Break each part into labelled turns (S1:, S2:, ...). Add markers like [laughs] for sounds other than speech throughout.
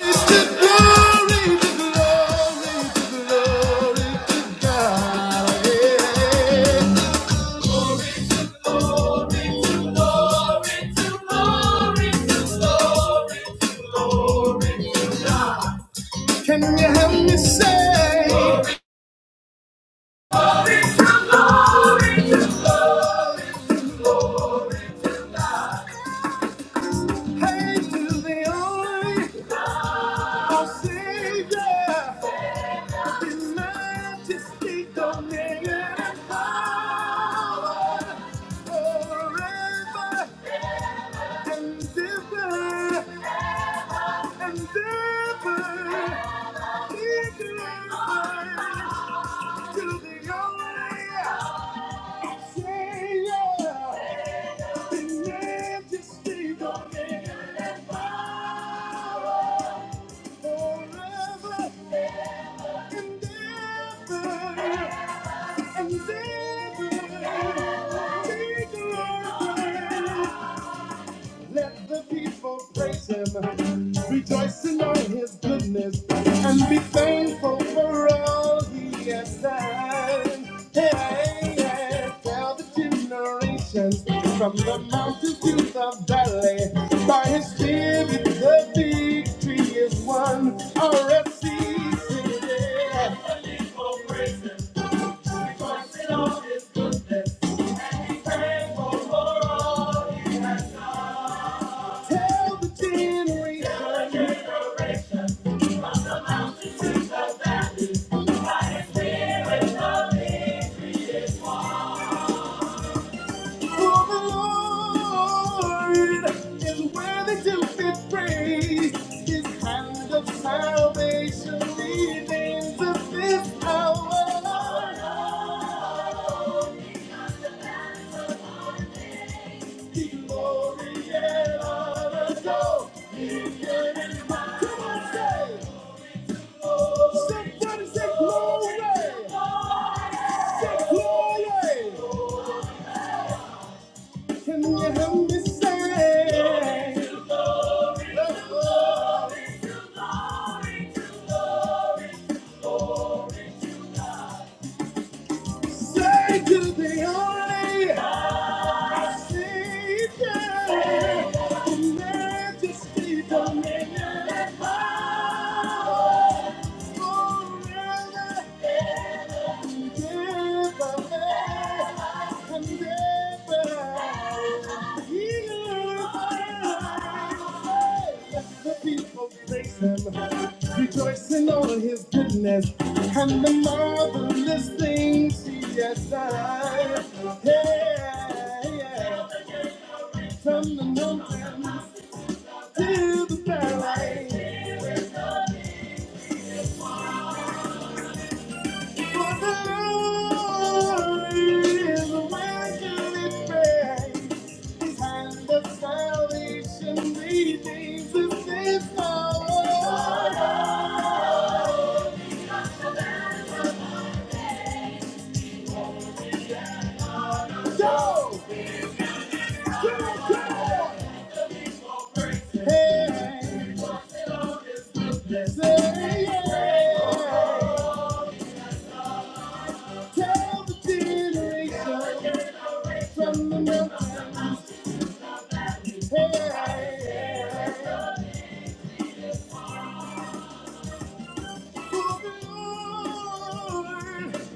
S1: Praise to glory, to glory, to glory to God. Yeah. to glory, to glory, to glory. Can you help me say, Glory. hey to the only our Savior, in majesty, dominion, and power, forever and ever. and never be be glorified the to name just stay on it forever. And ever and ever. Be glorified. Let the people praise him, rejoicing on his goodness, and be thankful for all he has done. Hey, hey, tell the generations from the mountains to the valley, by his spirit the victory is won. RFC, sing it. Tell the generations. For the Lord is worthy to be praised. His hand of salvation remains to this hour. The glory and honor go. in heaven high. Come on, say, Say, say, say glory. Say glory. Can you help me say? The glory. Say to the only Savior, in majesty, dominion, and power, forever. The people praise him, rejoicing over his goodness and the marvelous things he has done. Hey, Yeah, yeah. From the mountains to the valley, Hey, From the mountain, hey, hey, hey.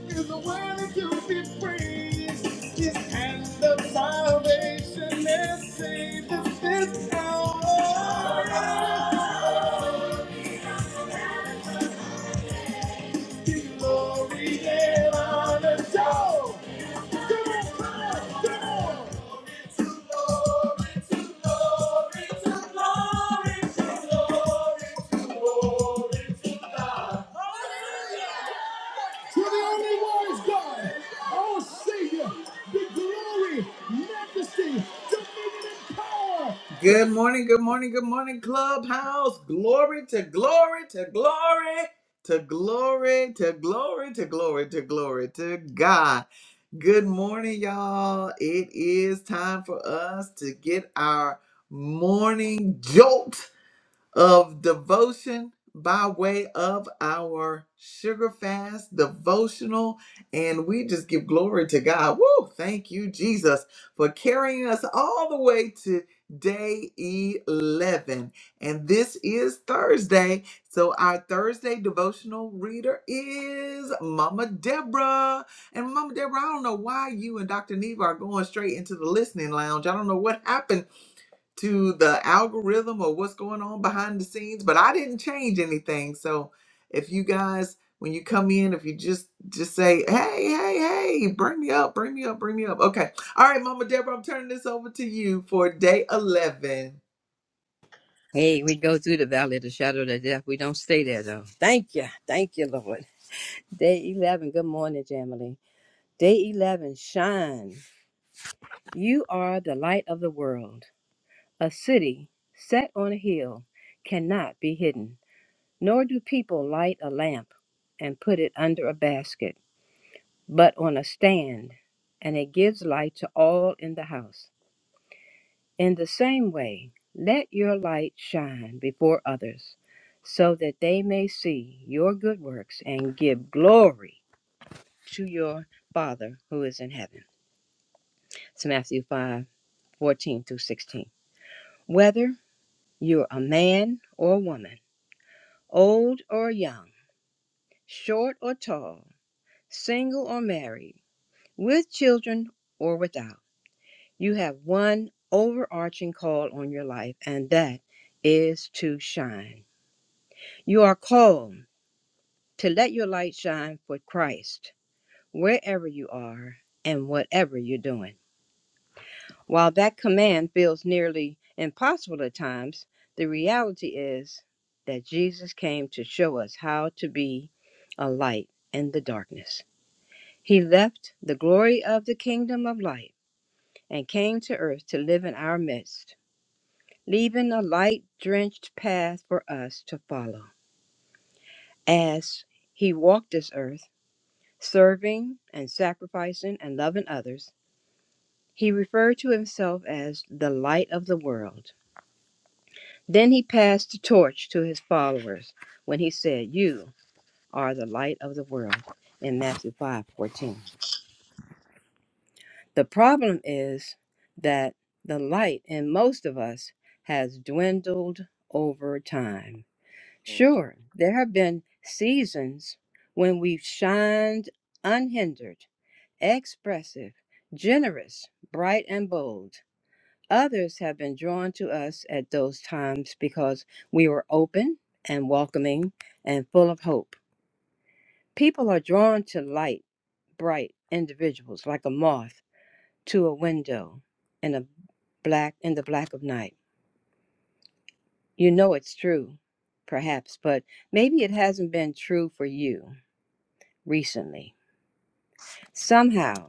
S1: is the to be praised. His hand of salvation has saved this hour. glory and honor Glory to, glory to, glory to, glory to, glory to, glory. Hallelujah. to the only wise God, our Savior, the glory, majesty, dominion, and power. Good morning, good morning, good morning, Clubhouse. Glory to glory to glory. To glory, to glory, to glory, to glory, to God. Good morning, y'all. It is time for us to get our morning jolt of devotion by way of our sugar fast devotional. And we just give glory to God. Woo! Thank you, Jesus, for carrying us all the way to day 11. And this is Thursday. So our Thursday devotional reader is Mama Deborah. And Mama Deborah, I don't know why you and Dr. Neva are going straight into the listening lounge. I don't know what happened to the algorithm or what's going on behind the scenes but i didn't change anything so if you guys when you come in if you just just say hey hey hey bring me up bring me up bring me up okay all right mama deborah i'm turning this over to you for day 11
S2: Hey, we go through the valley of the shadow of the death. We don't stay there though. Thank you. Thank you, Lord. Day 11. Good morning, Jamily. Day 11. Shine. You are the light of the world. A city set on a hill cannot be hidden, nor do people light a lamp and put it under a basket, but on a stand, and it gives light to all in the house. In the same way, let your light shine before others, so that they may see your good works and give glory to your Father who is in heaven. It's Matthew 5 14 through 16. Whether you're a man or woman, old or young, short or tall, single or married, with children or without, you have one overarching call on your life, and that is to shine You are called to let your light shine for Christ wherever you are and whatever you're doing. While that command feels nearly impossible at times, the reality is that Jesus came to show us how to be a light in the darkness. He left the glory of the kingdom of light and came to earth to live in our midst, leaving a light drenched path for us to follow. As he walked this earth, serving and sacrificing and loving others, he referred to himself as the light of the world. Then he passed the torch to his followers when he said, You are the light of the world in Matthew 5 14, The problem is that the light in most of us has dwindled over time.
S3: Oh
S2: Sure, there have been seasons when we've shined unhindered expressive, generous, bright, and bold. Others have been drawn to us at those times because we were open and welcoming and full of hope. People are drawn to light, bright individuals like a moth to a window in a black in the black of night. You know it's true, perhaps, but maybe it hasn't been true for you recently. Somehow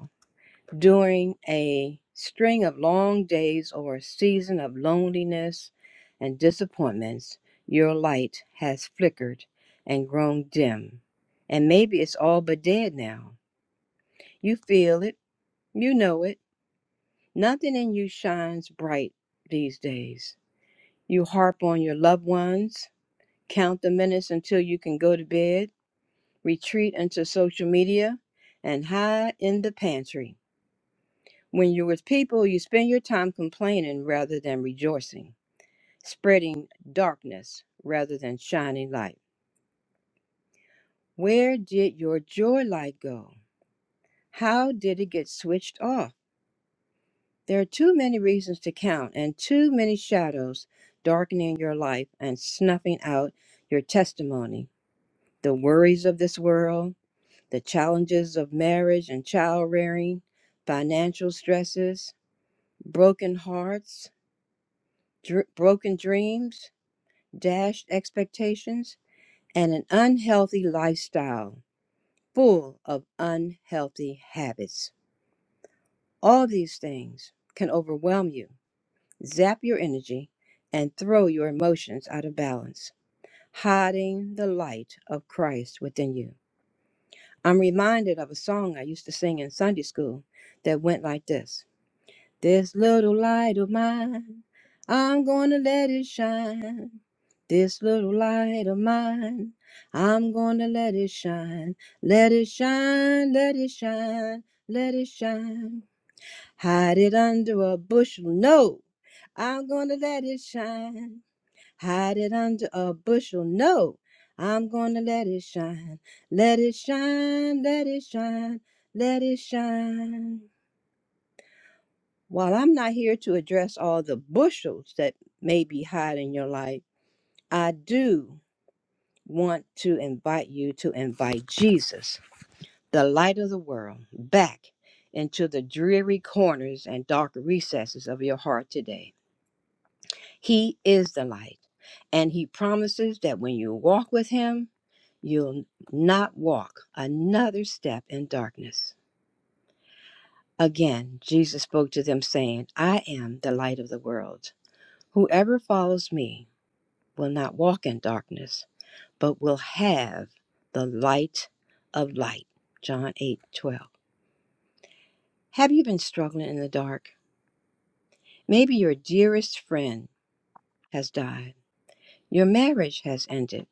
S2: during a string of long days or a season of loneliness and disappointments, your light has flickered and grown dim. And maybe it's all but dead now. You feel it, you know it. Nothing in you shines bright these days. You harp on your loved ones, count the minutes until you can go to bed, retreat into social media, and hide in the pantry. When you're with people, you spend your time complaining rather than rejoicing, spreading darkness rather than shining light. Where did your joy light go? How did it get switched off? There are too many reasons to count and too many shadows darkening your life and snuffing out your testimony. The worries of this world, the challenges of marriage and child rearing, financial stresses, broken hearts, dr- broken dreams, dashed expectations, and an unhealthy lifestyle full of unhealthy habits. All these things can overwhelm you, zap your energy, and throw your emotions out of balance, hiding the light of Christ within you. I'm reminded of a song I used to sing in Sunday school that went like this This little light of mine, I'm gonna let it shine. This little light of mine, I'm gonna let it shine. Let it shine, let it shine, let it shine. Hide it under a bushel, no. I'm gonna let it shine. Hide it under a bushel, no. I'm gonna let it shine. Let it shine, let it shine, let it shine. While I'm not here to address all the bushels that may be hiding in your life, I do want to invite you to invite Jesus, the light of the world, back into the dreary corners and dark recesses of your heart today. He is the light, and He promises that when you walk with Him, you'll not walk another step in darkness. Again, Jesus spoke to them, saying, I am the light of the world. Whoever follows me will not walk in darkness, but will have the light of light. John 8:12. Have you been struggling in the dark? Maybe your dearest friend has died, your marriage has ended,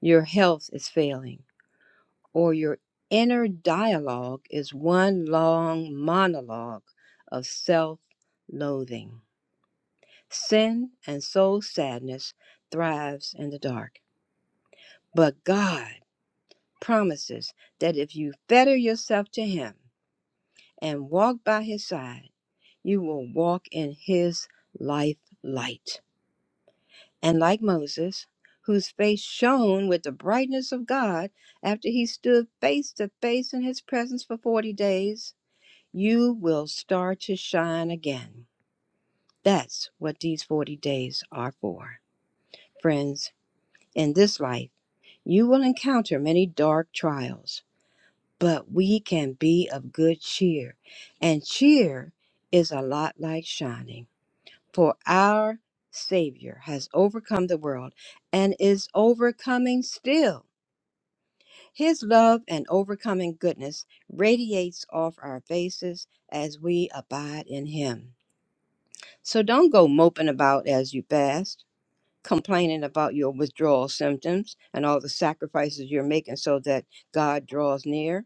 S2: your health is failing, or your inner dialogue is one long monologue of self loathing. Sin and soul sadness thrives in the dark, but God promises that if you fetter yourself to Him and walk by His side, you will walk in His life light. And like Moses, whose face shone with the brightness of God after he stood face to face in His presence for 40 days, you will start to shine again. That's what these 40 days are for. Friends, in this life, you will encounter many dark trials but we can be of good cheer. And cheer is a lot like shining. For our Savior has overcome the world and is overcoming still. His love and overcoming goodness radiates off our faces as we abide in Him. So don't go moping about as you fast, complaining about your withdrawal symptoms and all the sacrifices you're making so that God draws near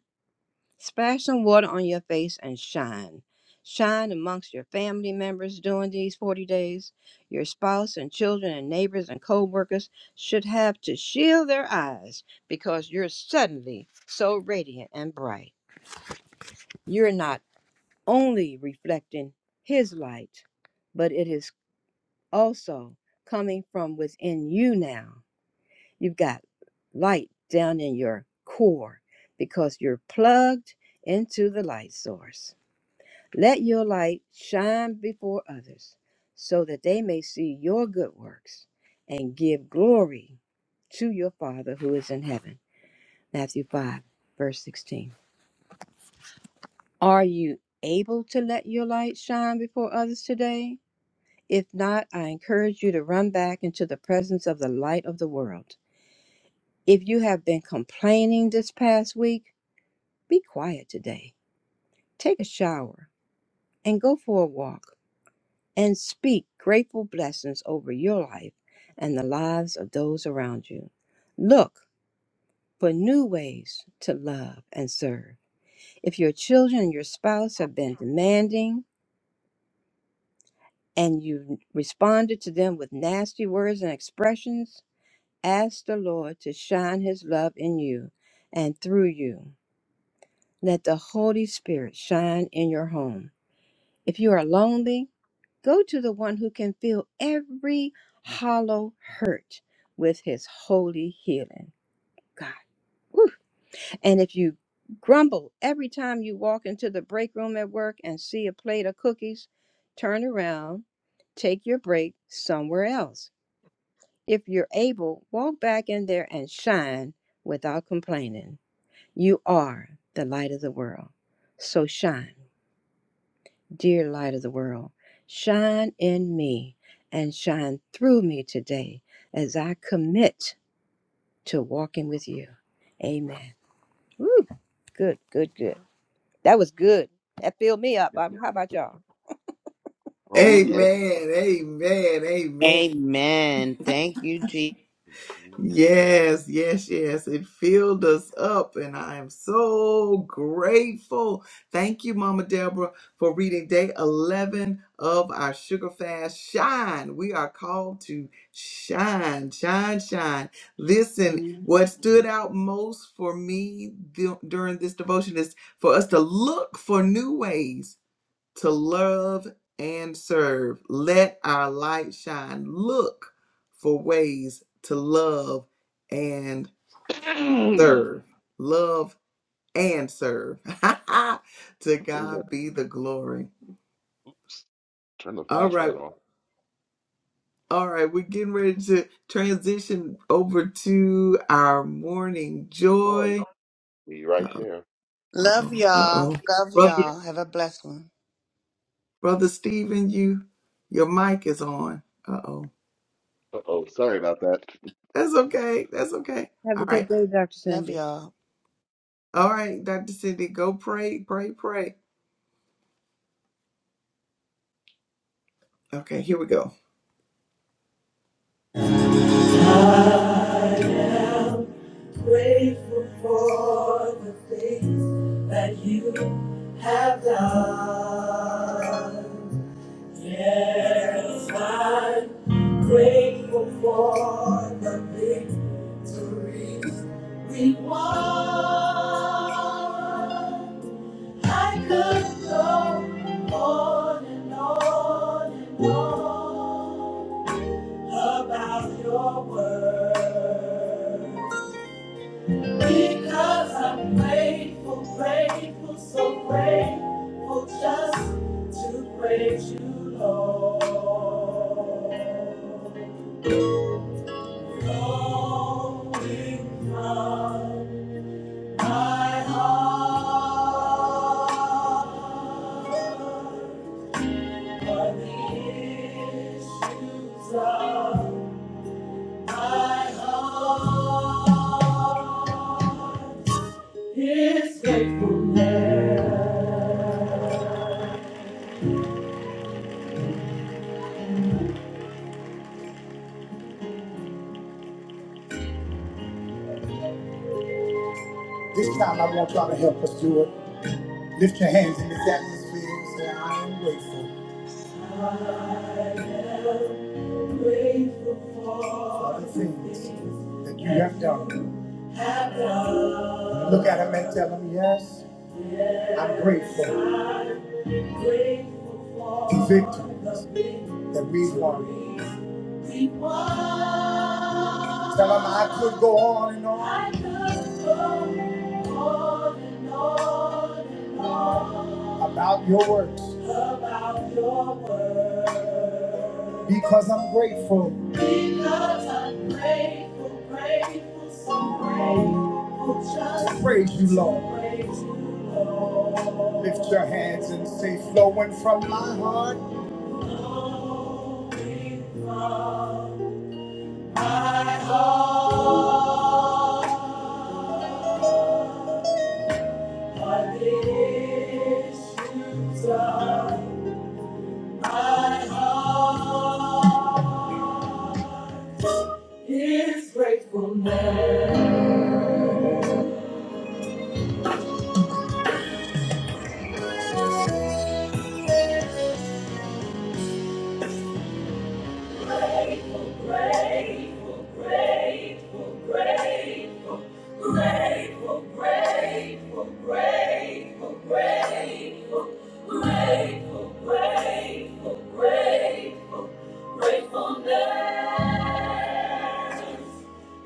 S2: Splash some water on your face and shine. Shine amongst your family members during these 40 days. Your spouse and children and neighbors and co workers should have to shield their eyes because you're suddenly so radiant and bright. You're not only reflecting His light, but it is also coming from within you now. You've got light down in your core because you're plugged into the light source. Let your light shine before others so that they may see your good works and give glory to your Father who is in heaven. Matthew 5, verse 16. Are you able to let your light shine before others today? If not, I encourage you to run back into the presence of the light of the world. If you have been complaining this past week, be quiet today. Take a shower and go for a walk and speak grateful blessings over your life and the lives of those around you. Look for new ways to love and serve. If your children and your spouse have been demanding and you responded to them with nasty words and expressions, ask the Lord to shine his love in you and through you. Let the Holy Spirit shine in your home. If you are lonely, Go to the one who can fill every hollow hurt with his holy healing. God. Whew. And if you grumble every time you walk into the break room at work and see a plate of cookies, turn around, take your break somewhere else. If you're able, walk back in there and shine without complaining. You are the light of the world. So shine. Dear light of the world, shine in me and shine through me today as I commit to walking with you. Amen. Woo. Good, good, good. That was good. That filled me up. Bobby. How about y'all?
S3: yes.
S1: amen amen amen
S4: Amen. Thank you, Jesus.
S3: Wait
S1: Yes, yes, yes. It filled us up, and I am so grateful. Thank you, Mama Deborah, for reading day 11 of our Sugar Fast. Shine. We are called to shine, shine, shine. Listen, what stood out most for me du- during this devotion is for us to look for new ways to love and serve. Let our light shine. Look for ways to love and
S3: a
S1: serve. Love and serve. [laughs] to
S3: minute.
S1: God be the glory.
S3: Turn the
S1: All right.
S3: flashlight on.
S1: All right. We're getting ready to transition over to our morning
S3: Joy,
S1: joy.
S3: be right
S1: Uh
S3: there.
S4: Love
S1: oh. Uh
S4: y'all.
S1: oh.
S4: Love
S1: Brother,
S4: y'all. Have a blessed one.
S1: Brother Stephen, you, your mic is on. Uh oh.
S3: Oh, sorry about that.
S1: That's okay. That's okay.
S2: Have a
S1: All right.
S2: good day, Dr.
S4: Love
S2: Cindy.
S4: y'all.
S1: All right, Dr. Cindy, go pray, pray, pray. Okay, here we go. That you have done. Grateful for the victory we won. I could go on and on and on about your work. This time I want y'all to help us do it. Lift your hands in this atmosphere and say, I am grateful for the things that you have done. Look at him and tell him, yes, I'm grateful for victory that we won. Tell him I could go on and on about your works. About your works. Because I'm grateful. Because I'm grateful, grateful, so grateful. Just praise you, Lord. Praise you, Lord. Lift your hands and say, flowing from my heart. Flowing from my heart. My issues are my heart is gratefulness. Grateful, grateful, grateful, grateful, grateful, grateful, grateful, grateful, grateful, grateful, grateful, gratefulness.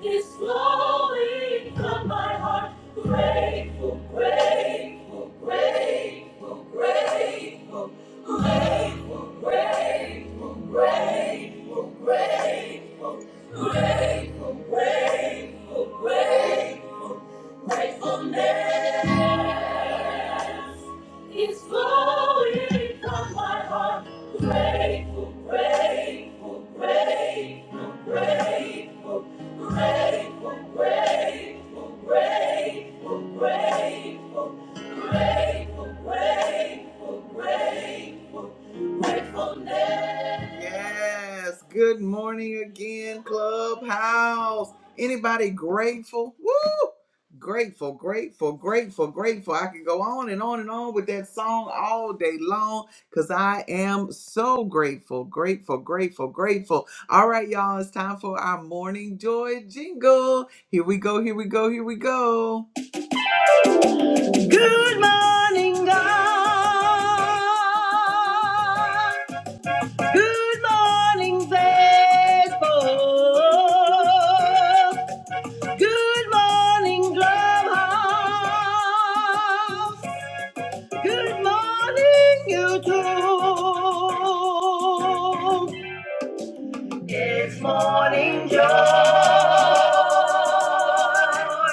S1: is flowing from my heart. Grateful, grateful, grateful, grateful, grateful, grateful, grateful, grateful, grateful, grateful, grateful, gratefulness. It's flowing from my heart. Grateful, grateful, grateful, grateful, grateful, grateful, grateful, grateful, grateful, grateful, grateful, gratefulness. Yes. Good morning again, Clubhouse. Anybody grateful? Woo! Grateful, grateful, grateful, grateful. I can go on and on and on with that song all day long because I am so grateful, grateful, grateful, grateful. All right, y'all, it's time for our morning joy jingle. Here we go, here we go, here we go. Good morning, God. Good morning, faithful. Good morning, Clubhouse. Good morning, YouTube. It's morning joy.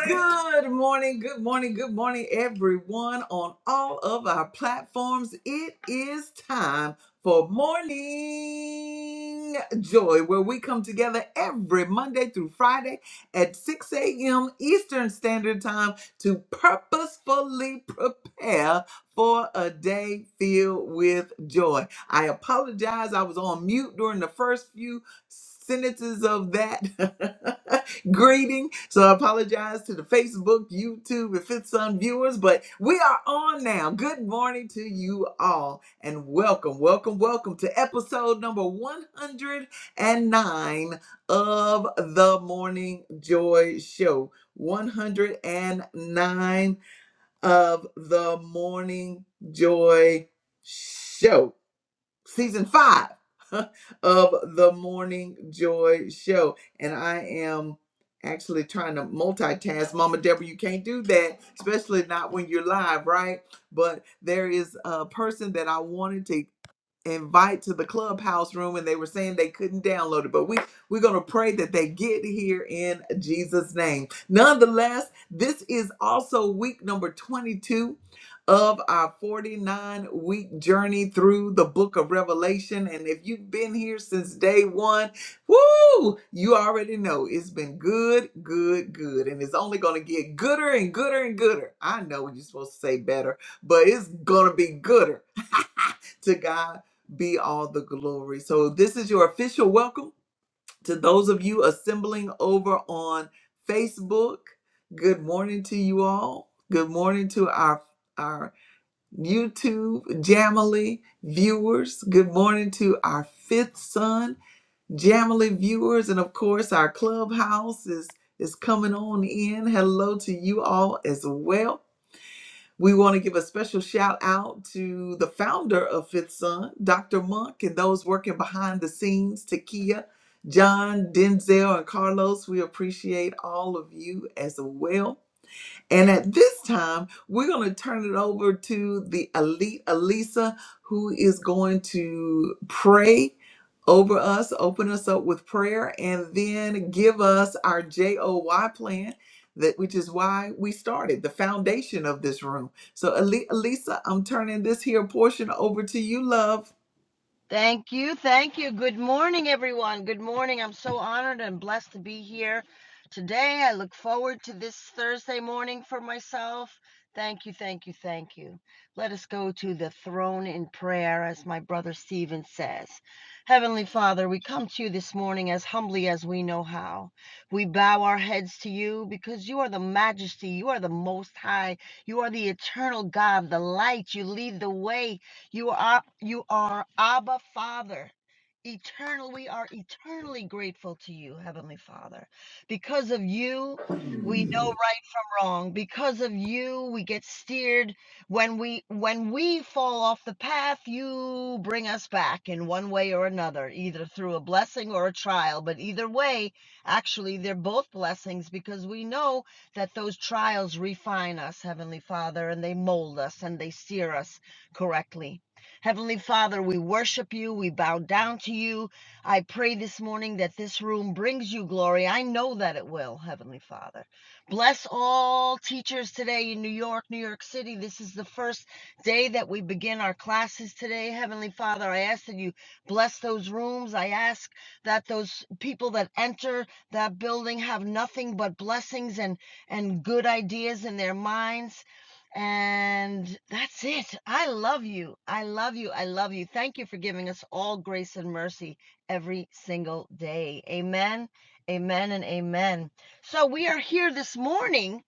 S1: Good morning, good morning, good morning, everyone on all of our platforms. It is time for morning joy, where we come together every Monday through Friday at 6 a.m. Eastern Standard Time to purposefully prepare for a day filled with joy. I apologize, I was on mute during the first few sentences of that [laughs] greeting. So I apologize to the Facebook, YouTube, and Fifth Sun viewers, but we are on now. Good morning to you all and welcome, welcome, welcome to episode number 109 of the Morning Joy Show. 109 of the Morning Joy Show season five [laughs] of the Morning Joy Show. And I am actually trying to multitask. Mama Deborah, you can't do that, especially not when you're live, right? But there is a person that I wanted to invite to the clubhouse room and they were saying they couldn't download it but we we're going to pray that they get here in jesus name nonetheless this is also week number 22 of our 49 week journey through the book of revelation and if you've been here since day one woo you already know it's been good good good and it's only going to get gooder and gooder and gooder i know you're supposed to say better but it's going to be gooder [laughs] to God be all the glory. So, this is your official welcome to those of you assembling over on Facebook. Good morning to you all. Good morning to our our YouTube Jamily viewers. Good morning to our fifth son Jamily viewers, and of course our clubhouse is is coming on in. Hello to you all as well. We want to give a special shout out to the founder of Fifth Son, Dr. Monk, and those working behind the scenes, Takia, John, Denzel, and Carlos. We appreciate all of you as well. And at this time, we're going to turn it over to the elite Elisa, who is going to pray over us, open us up with prayer, and then give us our JOY plan, that which is why we started the foundation of this room. So, Eli- Elisa, I'm turning this here portion over to you, love.
S5: Thank you. Thank you. Good morning, everyone. Good morning. I'm so honored and blessed to be here today. I look forward to this Thursday morning for myself. Thank you. Thank you. Thank you. Let us go to the throne in prayer, as my brother Stephen says. Heavenly Father, we come to you this morning as humbly as we know how. We bow our heads to you because you are the majesty, you are the most high, you are the eternal God, the light. You lead the way, you are you are Abba Father. Eternal, we are eternally grateful to you, Heavenly Father. Because of you, we know right from wrong. Because of you, we get steered. When we when we fall off the path, you bring us back in one way or another, either through a blessing or a trial. But either way, actually, they're both blessings because we know that those trials refine us, Heavenly Father, and they mold us and they steer us correctly. Heavenly Father, we worship you. We bow down to you. I pray this morning that this room brings you glory. I know that it will, Heavenly Father. Bless all teachers today in New York, New York City. This is the first day that we begin our classes today. Heavenly Father, I ask that you bless those rooms. I ask that those people that enter that building have nothing but blessings and, and good ideas in their minds. And that's it. I love you. I love you. I love you. Thank you for giving us all grace and mercy every single day. Amen. Amen and amen. So we are here this morning.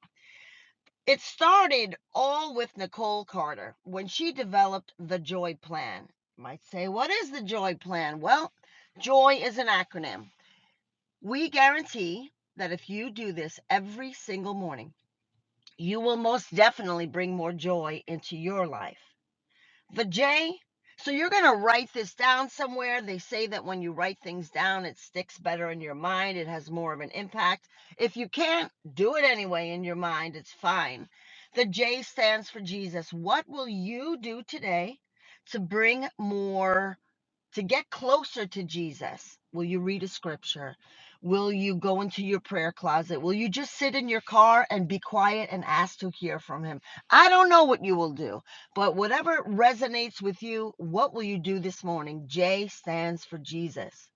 S5: It started all with Nicole Carter when she developed the Joy Plan. You might say, what is the Joy Plan? Well, Joy is an acronym. We guarantee that if you do this every single morning, you will most definitely bring more joy into your life. But Jay, so you're going to write this down somewhere. They say that when you write things down, it sticks better in your mind, it has more of an impact. If you can't do it anyway in your mind, it's fine. The J stands for Jesus. What will you do today to bring more? to get closer to Jesus, will you read a scripture? Will you go into your prayer closet? Will you just sit in your car and be quiet and ask to hear from him? I don't know what you will do, but whatever resonates with you, what will you do this morning? J stands for Jesus.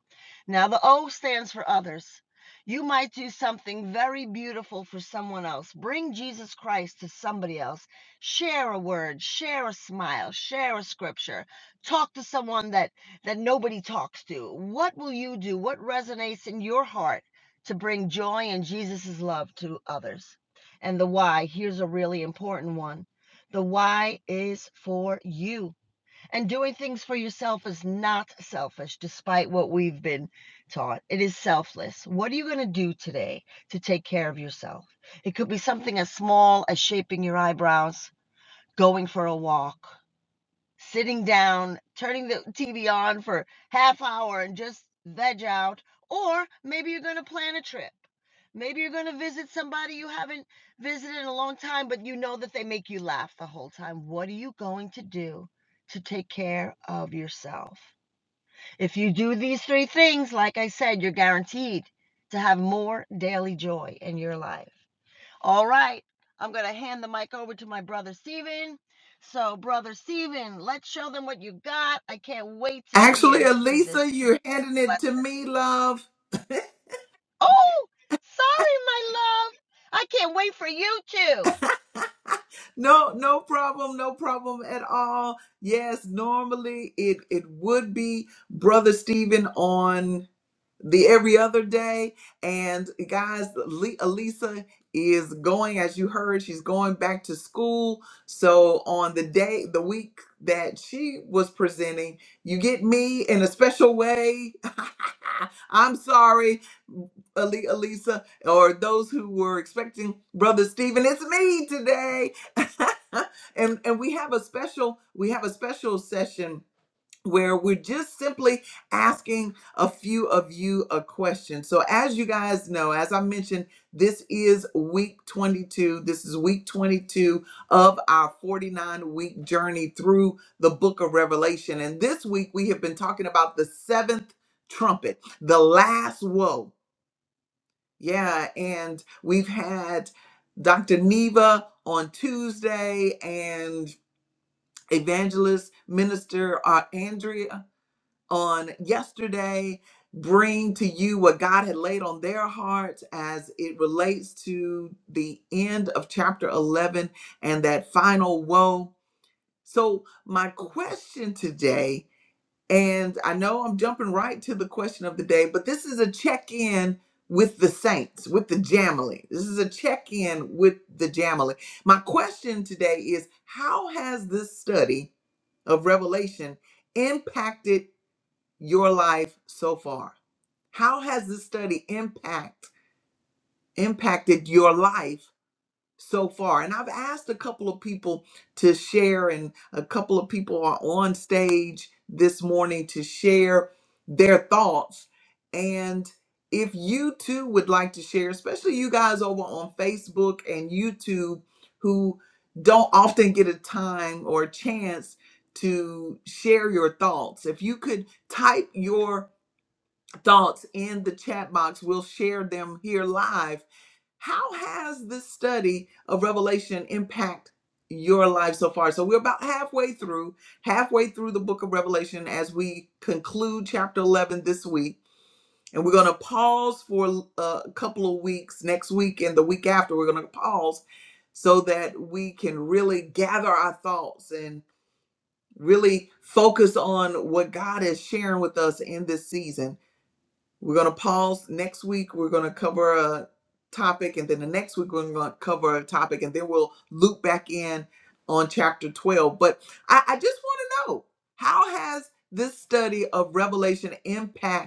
S5: Now, the O stands for others. You might do something very beautiful for someone else. Bring Jesus Christ to somebody else. Share a word, share a smile, share a scripture. Talk to someone that that nobody talks to. What will you do? What resonates in your heart to bring joy and Jesus' love to others? And the why, here's a really important one. The why is for you. And doing things for yourself is not selfish, despite what we've been taught. It is selfless. What are you going to do today to take care of yourself? It could be something as small as shaping your eyebrows, going for a walk, sitting down, turning the TV on for half hour and just veg out, or maybe you're going to plan a trip. Maybe you're going to visit somebody you haven't visited in a long time, but you know that they make you laugh the whole time. What are you going to do to take care of yourself? If you do these three things, like I said, you're guaranteed to have more daily joy in your life. All right. I'm going to hand the mic over to my brother Steven. So, brother Steven, let's show them what you got. I can't wait to
S1: Actually,
S5: hear to this.
S1: Elisa, you're handing it to me, love.
S5: Oh, sorry, my love. I can't wait for you too.
S1: No, no problem, no problem at all. Yes, normally it it would be Brother Stephen on the every other day. And guys, Le- Elisa is going, as you heard, she's going back to school. So on the day, the week that she was presenting, you get me in a special way. [laughs] I'm sorry, Ali- Alisa, or those who were expecting Brother Stephen. It's me today. [laughs] and and we have a special we have a special session where we're just simply asking a few of you a question. So, as you guys know, as I mentioned, this is week 22. This is week 22 of our 49 week journey through the book of Revelation. And this week we have been talking about the seventh trumpet, the last woe. Yeah. And we've had Dr. Neva on Tuesday and evangelist minister uh, Andrea on yesterday bring to you what God had laid on their hearts as it relates to the end of chapter 11 and that final woe. So, my question today, and I know I'm jumping right to the question of the day, but this is a check in with the saints, with the Jamily. This is a check in with the Jamily. My question today is how has this study of Revelation impacted? your life so far? How has this study impact impacted your life so far? And I've asked a couple of people to share, and a couple of people are on stage this morning to share their thoughts. And if you too would like to share, especially you guys over on Facebook and YouTube who don't often get a time or a chance to share your thoughts, if you could type your thoughts in the chat box. We'll share them here live. How has this study of Revelation impact your life so far? So we're about halfway through, halfway through the book of Revelation as we conclude chapter 11 this week. And we're going to pause for uh, a couple of weeks next week and the week after. We're going to pause so that we can really gather our thoughts and really focus on what God is sharing with us in this season. We're going to pause next week. We're going to cover a topic, and then the next week, we're going to cover a topic, and then we'll loop back in on chapter 12. But I, I just want to know how has this study of Revelation impacted?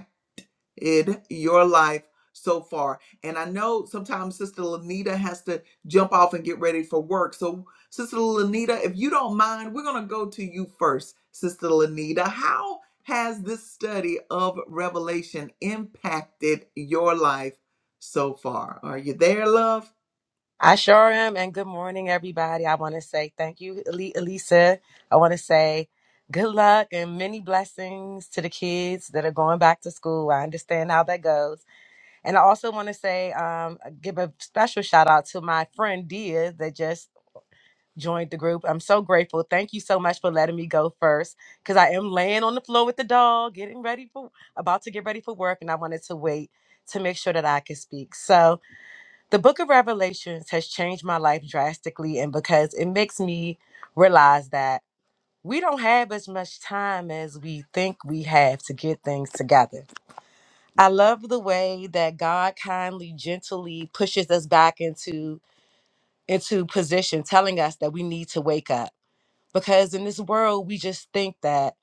S1: in your life so far. And I know sometimes Sister Lanita has to jump off and get ready for work. So, Sister Lanita, if you don't mind, we're going to go to you first, Sister Lanita. How has this study of Revelation impacted your life so far? Are you there, love?
S6: I sure am. And good morning, everybody. I want to say thank you, Ali- Elisa. I want to say good luck and many blessings to the kids that are going back to school. I understand how that goes. And I also want to say, um, uh, give a special shout out to my friend Dia that just joined the group. I'm so grateful. Thank you so much for letting me go first because I am laying on the floor with the dog, getting ready for, about to get ready for work. And I wanted to wait to make sure that I could speak. So, the book of Revelations has changed my life drastically, and because it makes me realize that we don't have as much time as we think we have to get things together. I love the way that God kindly, gently pushes us back into into position, telling us that we need to wake up. Because in this world, we just think that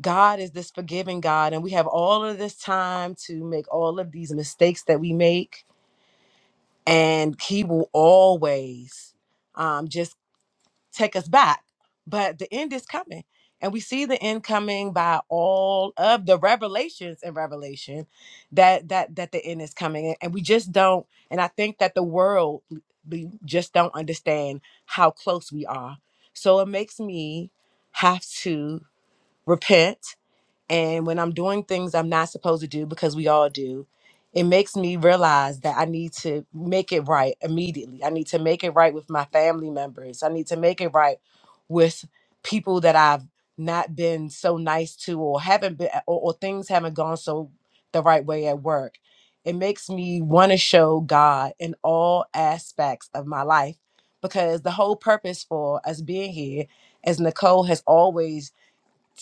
S6: God is this forgiving God, and we have all of this time to make all of these mistakes that we make and he will always um, just take us back. But the end is coming, and we see the end coming by all of the revelations and revelation that that that the end is coming, and we just don't. And I think that the world we just don't understand how close we are. So it makes me have to repent and when I'm doing things I'm not supposed to do because we all do, it makes me realize that I need to make it right immediately. I need to make it right with my family members. I need to make it right with people that I've not been so nice to or haven't been or, or things haven't gone so the right way at work. It makes me want to show God in all aspects of my life because the whole purpose for us being here, as Nicole has always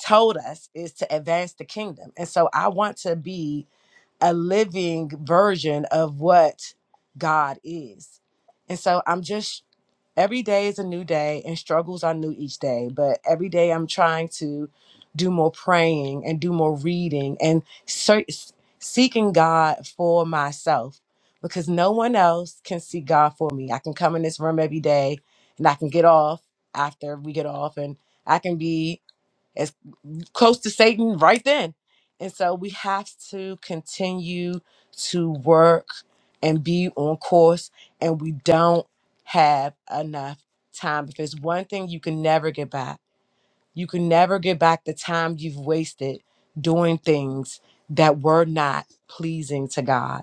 S6: told us is to advance the kingdom. And so I want to be a living version of what God is. And so I'm just every day is a new day and struggles are new each day, but every day I'm trying to do more praying and do more reading and search, seeking God for myself because no one else can see God for me. I can come in this room every day and I can get off after we get off and I can be as close to Satan right then. And so we have to continue to work and be on course, and we don't have enough time. If it's one thing you can never get back, you can never get back the time you've wasted doing things that were not pleasing to God.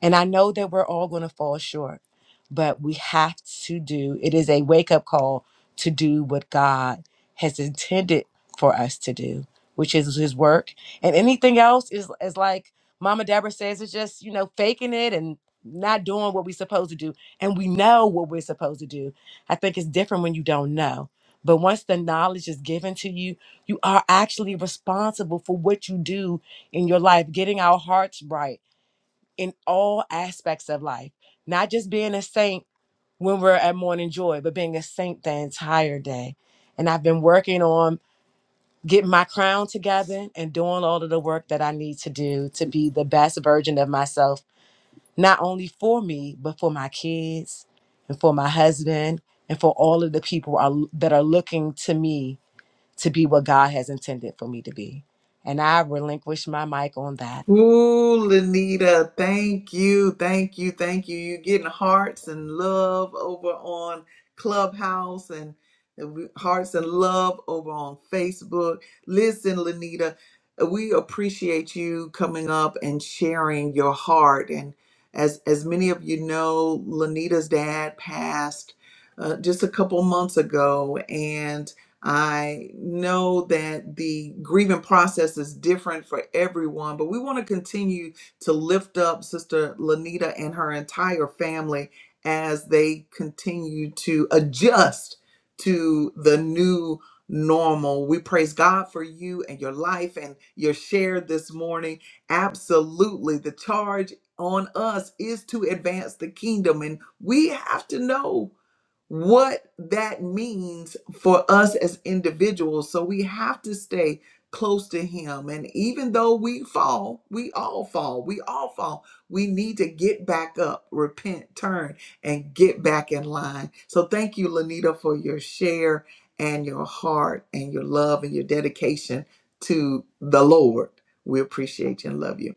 S6: And I know that we're all going to fall short, but we have to do it is a wake up call to do what God has intended for us to do, which is his work. And anything else is is like Mama Deborah says, it's just, you know, faking it and not doing what we're supposed to do. And we know what we're supposed to do. I think it's different when you don't know. But once the knowledge is given to you, you are actually responsible for what you do in your life, getting our hearts right in all aspects of life, not just being a saint when we're at morning joy, but being a saint the entire day. And I've been working on getting my crown together and doing all of the work that I need to do to be the best version of myself, not only for me, but for my kids and for my husband and for all of the people are, that are looking to me to be what God has intended for me to be. And I relinquish my mic on that.
S1: Ooh, Lanita! thank you, thank you, thank you. You're getting hearts and love over on Clubhouse and and hearts and love over on Facebook. Listen, Lanita, we appreciate you coming up and sharing your heart. And as as many of you know, Lanita's dad passed uh, just a couple months ago, I know that the grieving process is different for everyone, but we want to continue to lift up Sister Lanita and her entire family as they continue to adjust to the new normal. We praise God for you and your life and your share this morning. Absolutely. The charge on us is to advance the kingdom, and we have to know what that means for us as individuals. So we have to stay close to Him. And even though we fall, we all fall, we all fall, we need to get back up, repent, turn, and get back in line. So thank you, Lanita, for your share and your heart and your love and your dedication to the Lord. We appreciate you and love you.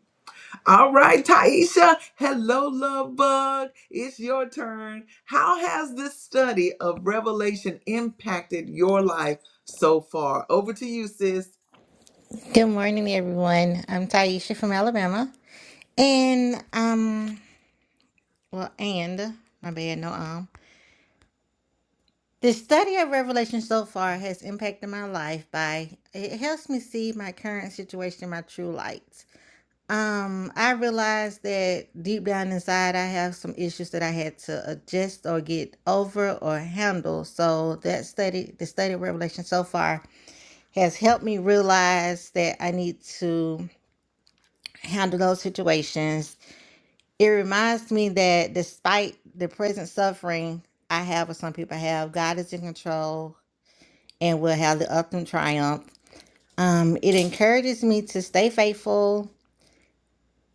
S1: All right, Taisha. Hello, love bug. It's your turn. How has this study of Revelation impacted your life so far? Over to you, sis.
S7: Good morning, everyone. I'm Taisha from Alabama. And, um, well, and, my bad, no, um, the study of Revelation so far has impacted my life by it helps me see my current situation in my true light. Um, I realized that deep down inside, I have some issues that I had to adjust or get over or handle. So that study, the study of Revelation so far, has helped me realize that I need to handle those situations it reminds me that despite the present suffering I have or some people have, God is in control and will have the ultimate triumph. Um, it encourages me to stay faithful,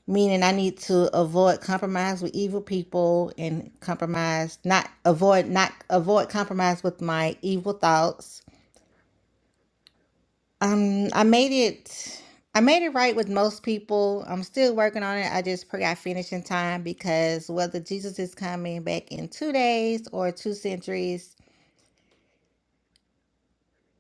S7: meaning I need to avoid compromise with evil people and compromise not avoid not avoid compromise with my evil thoughts Um, I made it. I made it right with most people. I'm still working on it. I just pray I finish in time because whether Jesus is coming back in two days or two centuries,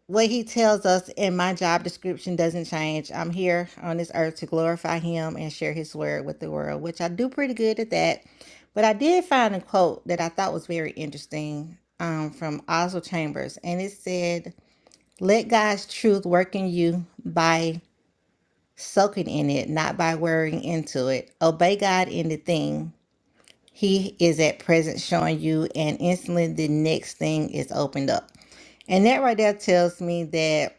S7: what he tells us in my job description doesn't change. I'm here on this earth to glorify him and share his word with the world, which I do pretty good at that. But I did find a quote that I thought was very interesting um, from Oswald Chambers, and it said, Let God's truth work in you by soaking in it, not by worrying into it. Obey God in the thing He is at present showing you, and instantly the next thing is opened up. And that right there tells me that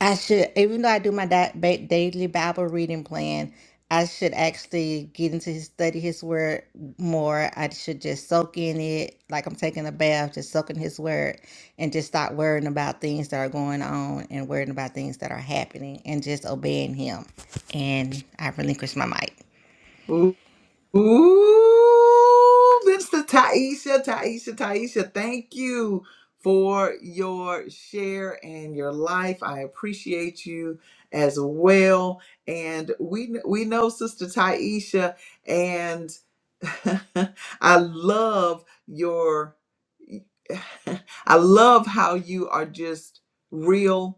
S7: I should, even though I do my di ba daily Bible reading plan, I should actually get into his study his word more. I should just soak in it, like I'm taking a bath, just soaking his word, and just stop worrying about things that are going on and worrying about things that are happening and just obeying him. And I relinquish my mic.
S1: Ooh, Mr. Taisha, Taisha, Taisha, thank you for your share and your life. I appreciate you as well. And we we know Sister Taisha, and [laughs] I love your [laughs] I love how you are just real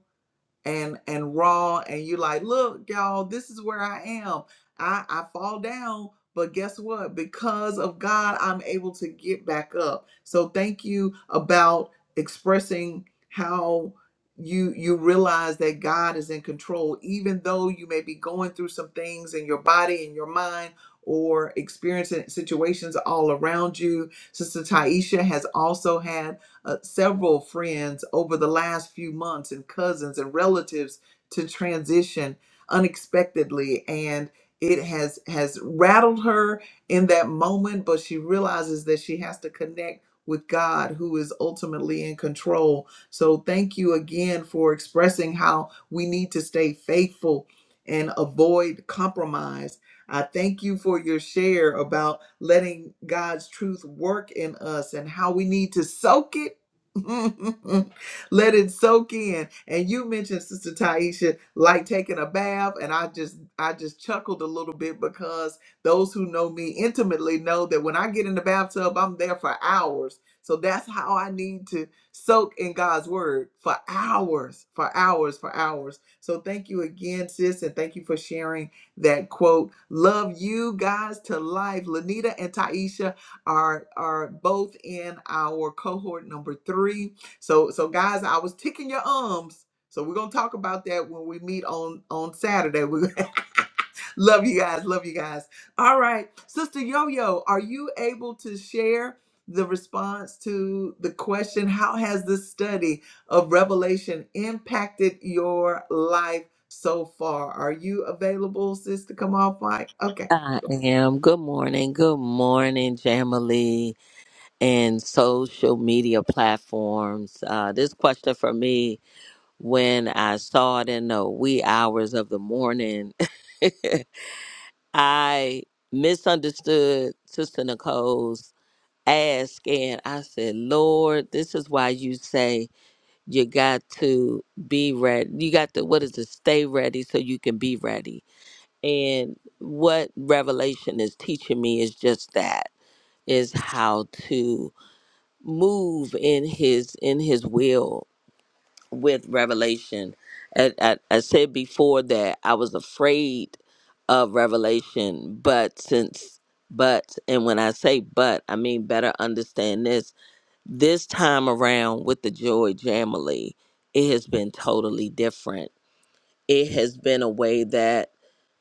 S1: and and raw and you like look y'all this is where i am i i fall down but guess what because of god i'm able to get back up so thank you about expressing how you you realize that god is in control even though you may be going through some things in your body and your mind or experiencing situations all around you sister taisha has also had uh, several friends over the last few months and cousins and relatives to transition unexpectedly and it has has rattled her in that moment but she realizes that she has to connect with God who is ultimately in control. So thank you again for expressing how we need to stay faithful and avoid compromise. I thank you for your share about letting God's truth work in us and how we need to soak it [laughs] Let it soak in. And you mentioned Sister Taisha like taking a bath, and I just I just chuckled a little bit because those who know me intimately know that when I get in the bathtub, I'm there for hours. So that's how I need to soak in God's word for hours, for hours, for hours. So thank you again, sis, and thank you for sharing that quote. Love you guys to life. Lanita and Taisha, are are both in our cohort number three. So so guys, I was ticking your ums. So we're gonna talk about that when we meet on on Saturday. We [laughs] love you guys, love you guys. All right, Sister Yo Yo, are you able to share the response to the question? How has the study of Revelation impacted your life so far? Are you available, sis, to come off mic? Okay.
S8: I am. Good morning. Good morning, Jamily and social media platforms. Uh, this question for me, when I saw it in the wee hours of the morning, [laughs] I misunderstood Sister Nicole's ask, and I said, Lord, this is why you say you got to be ready. You got to, what is it, stay ready so you can be ready and what Revelation is teaching me is just that is how to move in his in his will with revelation. And I, I said before that I was afraid of revelation, but since but and when I say but, I mean better understand this. This time around with the Joy Jamily, it has been totally different. It has been a way that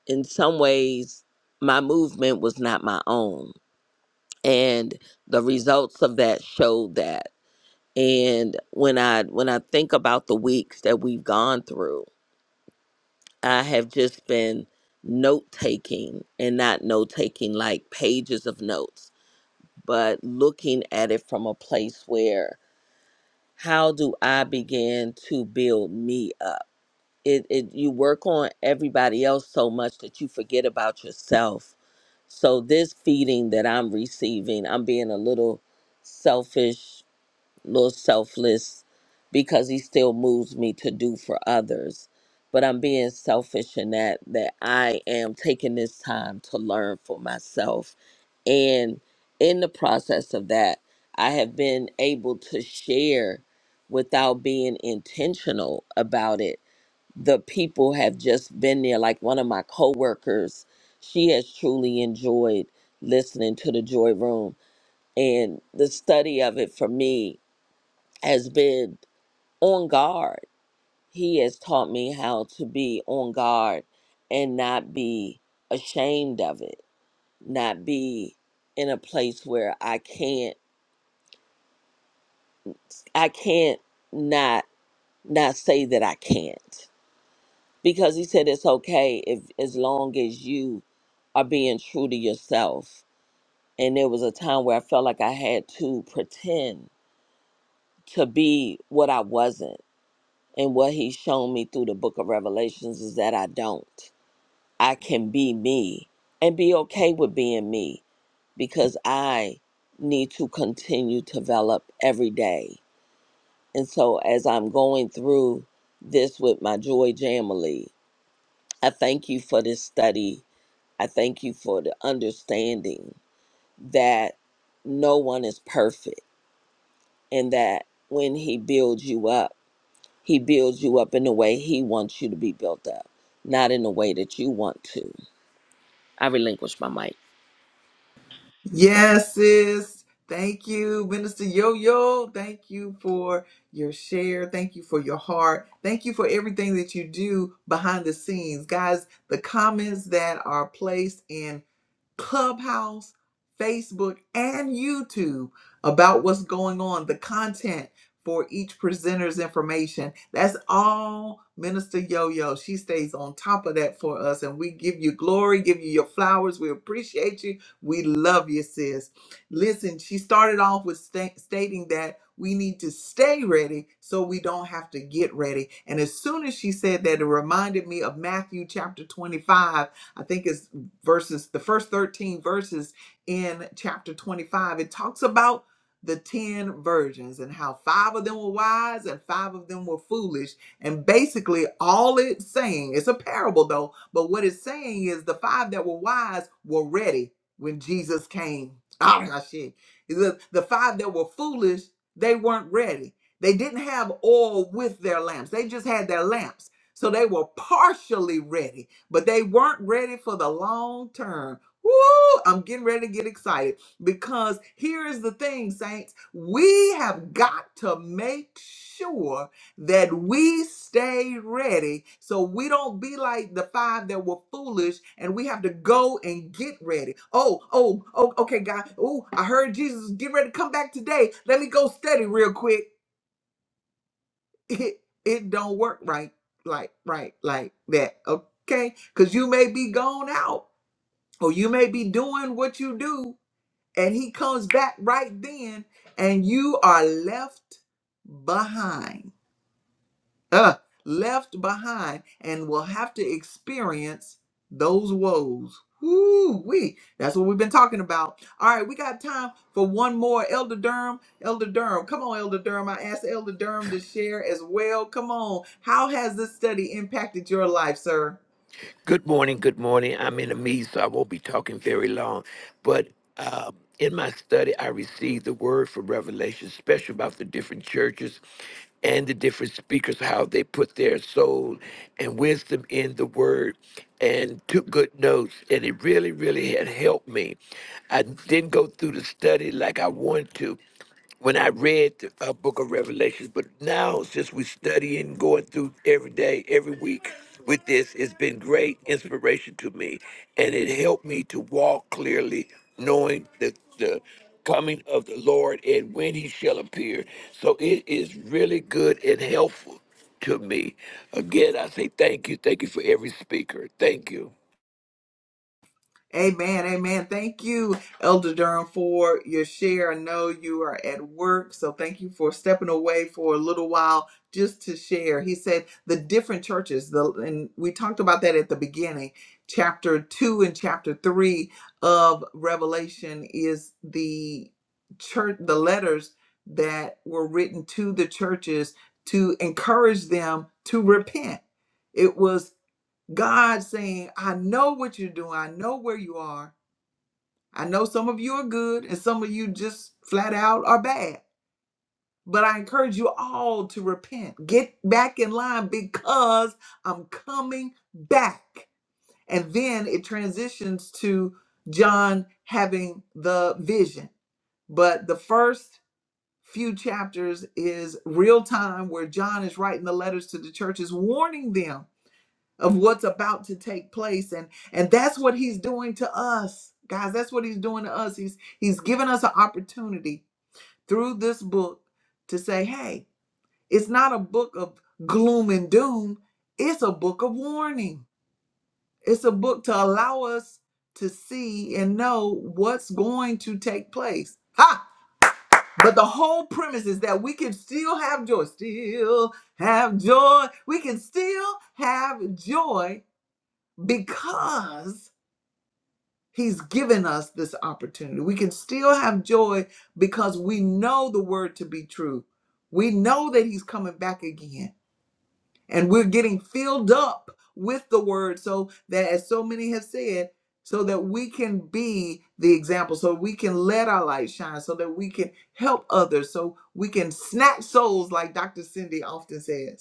S8: in some ways my movement was not my own and the results of that showed that and when i when i think about the weeks that we've gone through i have just been note taking and not note taking like pages of notes but looking at it from a place where how do i begin to build me up it, it you work on everybody else so much that you forget about yourself So this feeding that I'm receiving, I'm being a little selfish, little selfless because he still moves me to do for others. But I'm being selfish in that that I am taking this time to learn for myself. And in the process of that, I have been able to share without being intentional about it the people have just been there. Like one of my coworkers, she has truly enjoyed listening to the Joy Room, and the study of it for me has been on guard. He has taught me how to be on guard and not be ashamed of it, not be in a place where I can't, I can't not not say that I can't. because he said it's okay if as long as you are being true to yourself. And there was a time where I felt like I had to pretend to be what I wasn't. And what he's shown me through the book of Revelations is that I don't. I can be me and be okay with being me because I need to continue to develop every day. And so as I'm going through this with my Joy Jamily, I thank you for this study I thank you for the understanding that no one is perfect and that when He builds you up, He builds you up in the way He wants you to be built up, not in the way that you want to. I relinquish my mic.
S1: Yes, sis. Thank you, Minister Yo Yo. Thank you for your share. Thank you for your heart. Thank you for everything that you do behind the scenes. Guys, the comments that are placed in Clubhouse, Facebook, and YouTube about what's going on, the content for each presenter's information. That's all Minister Yo Yo. She stays on top of that for us, and we give you glory, give you your flowers. We appreciate you. We love you, sis. Listen, she started off with sta- stating that. We need to stay ready so we don't have to get ready. And as soon as she said that, it reminded me of Matthew chapter 25. I think it's verses, the first 13 verses in chapter 25, it talks about the 10 virgins and how five of them were wise and five of them were foolish. And basically, all it's saying, it's a parable though, but what it's saying is the five that were wise were ready when Jesus came. Ah, my shit. The, the five that were foolish, they weren't ready. They didn't have oil with their lamps, they just had their lamps. So they were partially ready but they weren't ready for the long term. Woo! I'm getting ready to get excited because here is the thing, saints. We have got to make sure that we stay ready so we don't be like the five that were foolish and we have to go and get ready. Oh, oh, oh, okay, God. Oh, I heard Jesus is getting ready to come back today. Let me go study real quick it it don't work right like right like that okay because you may be gone out or you may be doing what you do and he comes back right then and you are left behind uh, left behind and will have to experience those woes. Woo wee. That's what we've been talking about. All right, we got time for one more. Elder Durham, Elder Durham. Come on, Elder Durham. I asked Elder Durham to share as well. Come on. How has this study impacted your life, sir?
S9: Good morning. Good morning. I'm in a meeting, so I won't be talking very long. But uh, in my study, I received the word for revelation, especially about the different churches and the different speakers, how they put their soul and wisdom in the word, and took good notes. And it really, really had helped me. I didn't go through the study like I wanted to when I read the uh, book of Revelations, but now since we study and going through every day, every week with this, it's been great inspiration to me. And it helped me to walk clearly, knowing the, the coming of the Lord and when he shall appear. So it is really good and helpful to me. Again, I say thank you. Thank you for every speaker. Thank you.
S1: Amen. Amen. Thank you, Elder Durham, for your share. I know you are at work, so thank you for stepping away for a little while just to share. He said the different churches, the and we talked about that at the beginning. Chapter two and chapter three of Revelation is the church the letters that were written to the churches to encourage them to repent. It was God saying, I know what you're doing. I know where you are. I know some of you are good and some of you just flat out are bad. But I encourage you all to repent. Get back in line because I'm coming back. And then it transitions to John having the vision. But the first few chapters is real time where John is writing the letters to the churches, warning them of what's about to take place and and that's what he's doing to us guys that's what he's doing to us he's he's given us an opportunity through this book to say hey it's not a book of gloom and doom it's a book of warning it's a book to allow us to see and know what's going to take place ha but the whole premise is that we can still have joy still have joy we can still have joy because He's given us this opportunity. We can still have joy because we know the word to be true. We know that he's coming back again. And we're getting filled up with the word so that, as so many have said, so that we can be the example, so we can let our light shine, so that we can help others, so we can snatch souls, like Dr. Cindy often says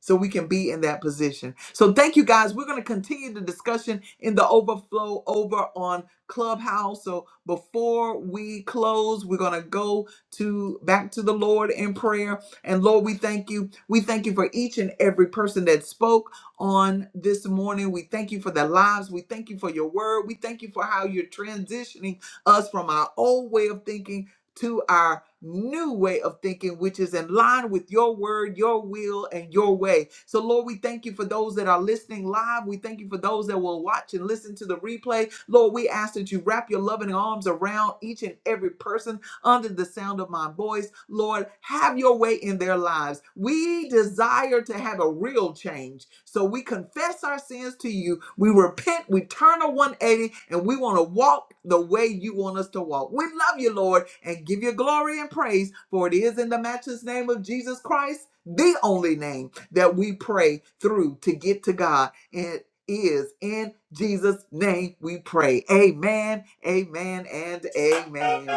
S1: so we can be in that position. So thank you guys. We're going to continue the discussion in the overflow over on Clubhouse. So before we close, we're going to go to back to the Lord in prayer. And Lord, we thank you. We thank you for each and every person that spoke on this morning. We thank you for their lives. We thank you for your word. We thank you for how you're transitioning us from our old way of thinking to our new way of thinking, which is in line with your word, your will, and your way. So, Lord, we thank you for those that are listening live. We thank you for those that will watch and listen to the replay. Lord, we ask that you wrap your loving arms around each and every person under the sound of my voice. Lord, have your way in their lives. We desire to have a real change. So we confess our sins to you. We repent, we turn a 180, and we want to walk the way you want us to walk. We love you, Lord, and give you glory and praise, for it is in the matchless name of Jesus Christ, the only name that we pray through to get to God. And is in Jesus' name we pray. Amen, amen, and amen.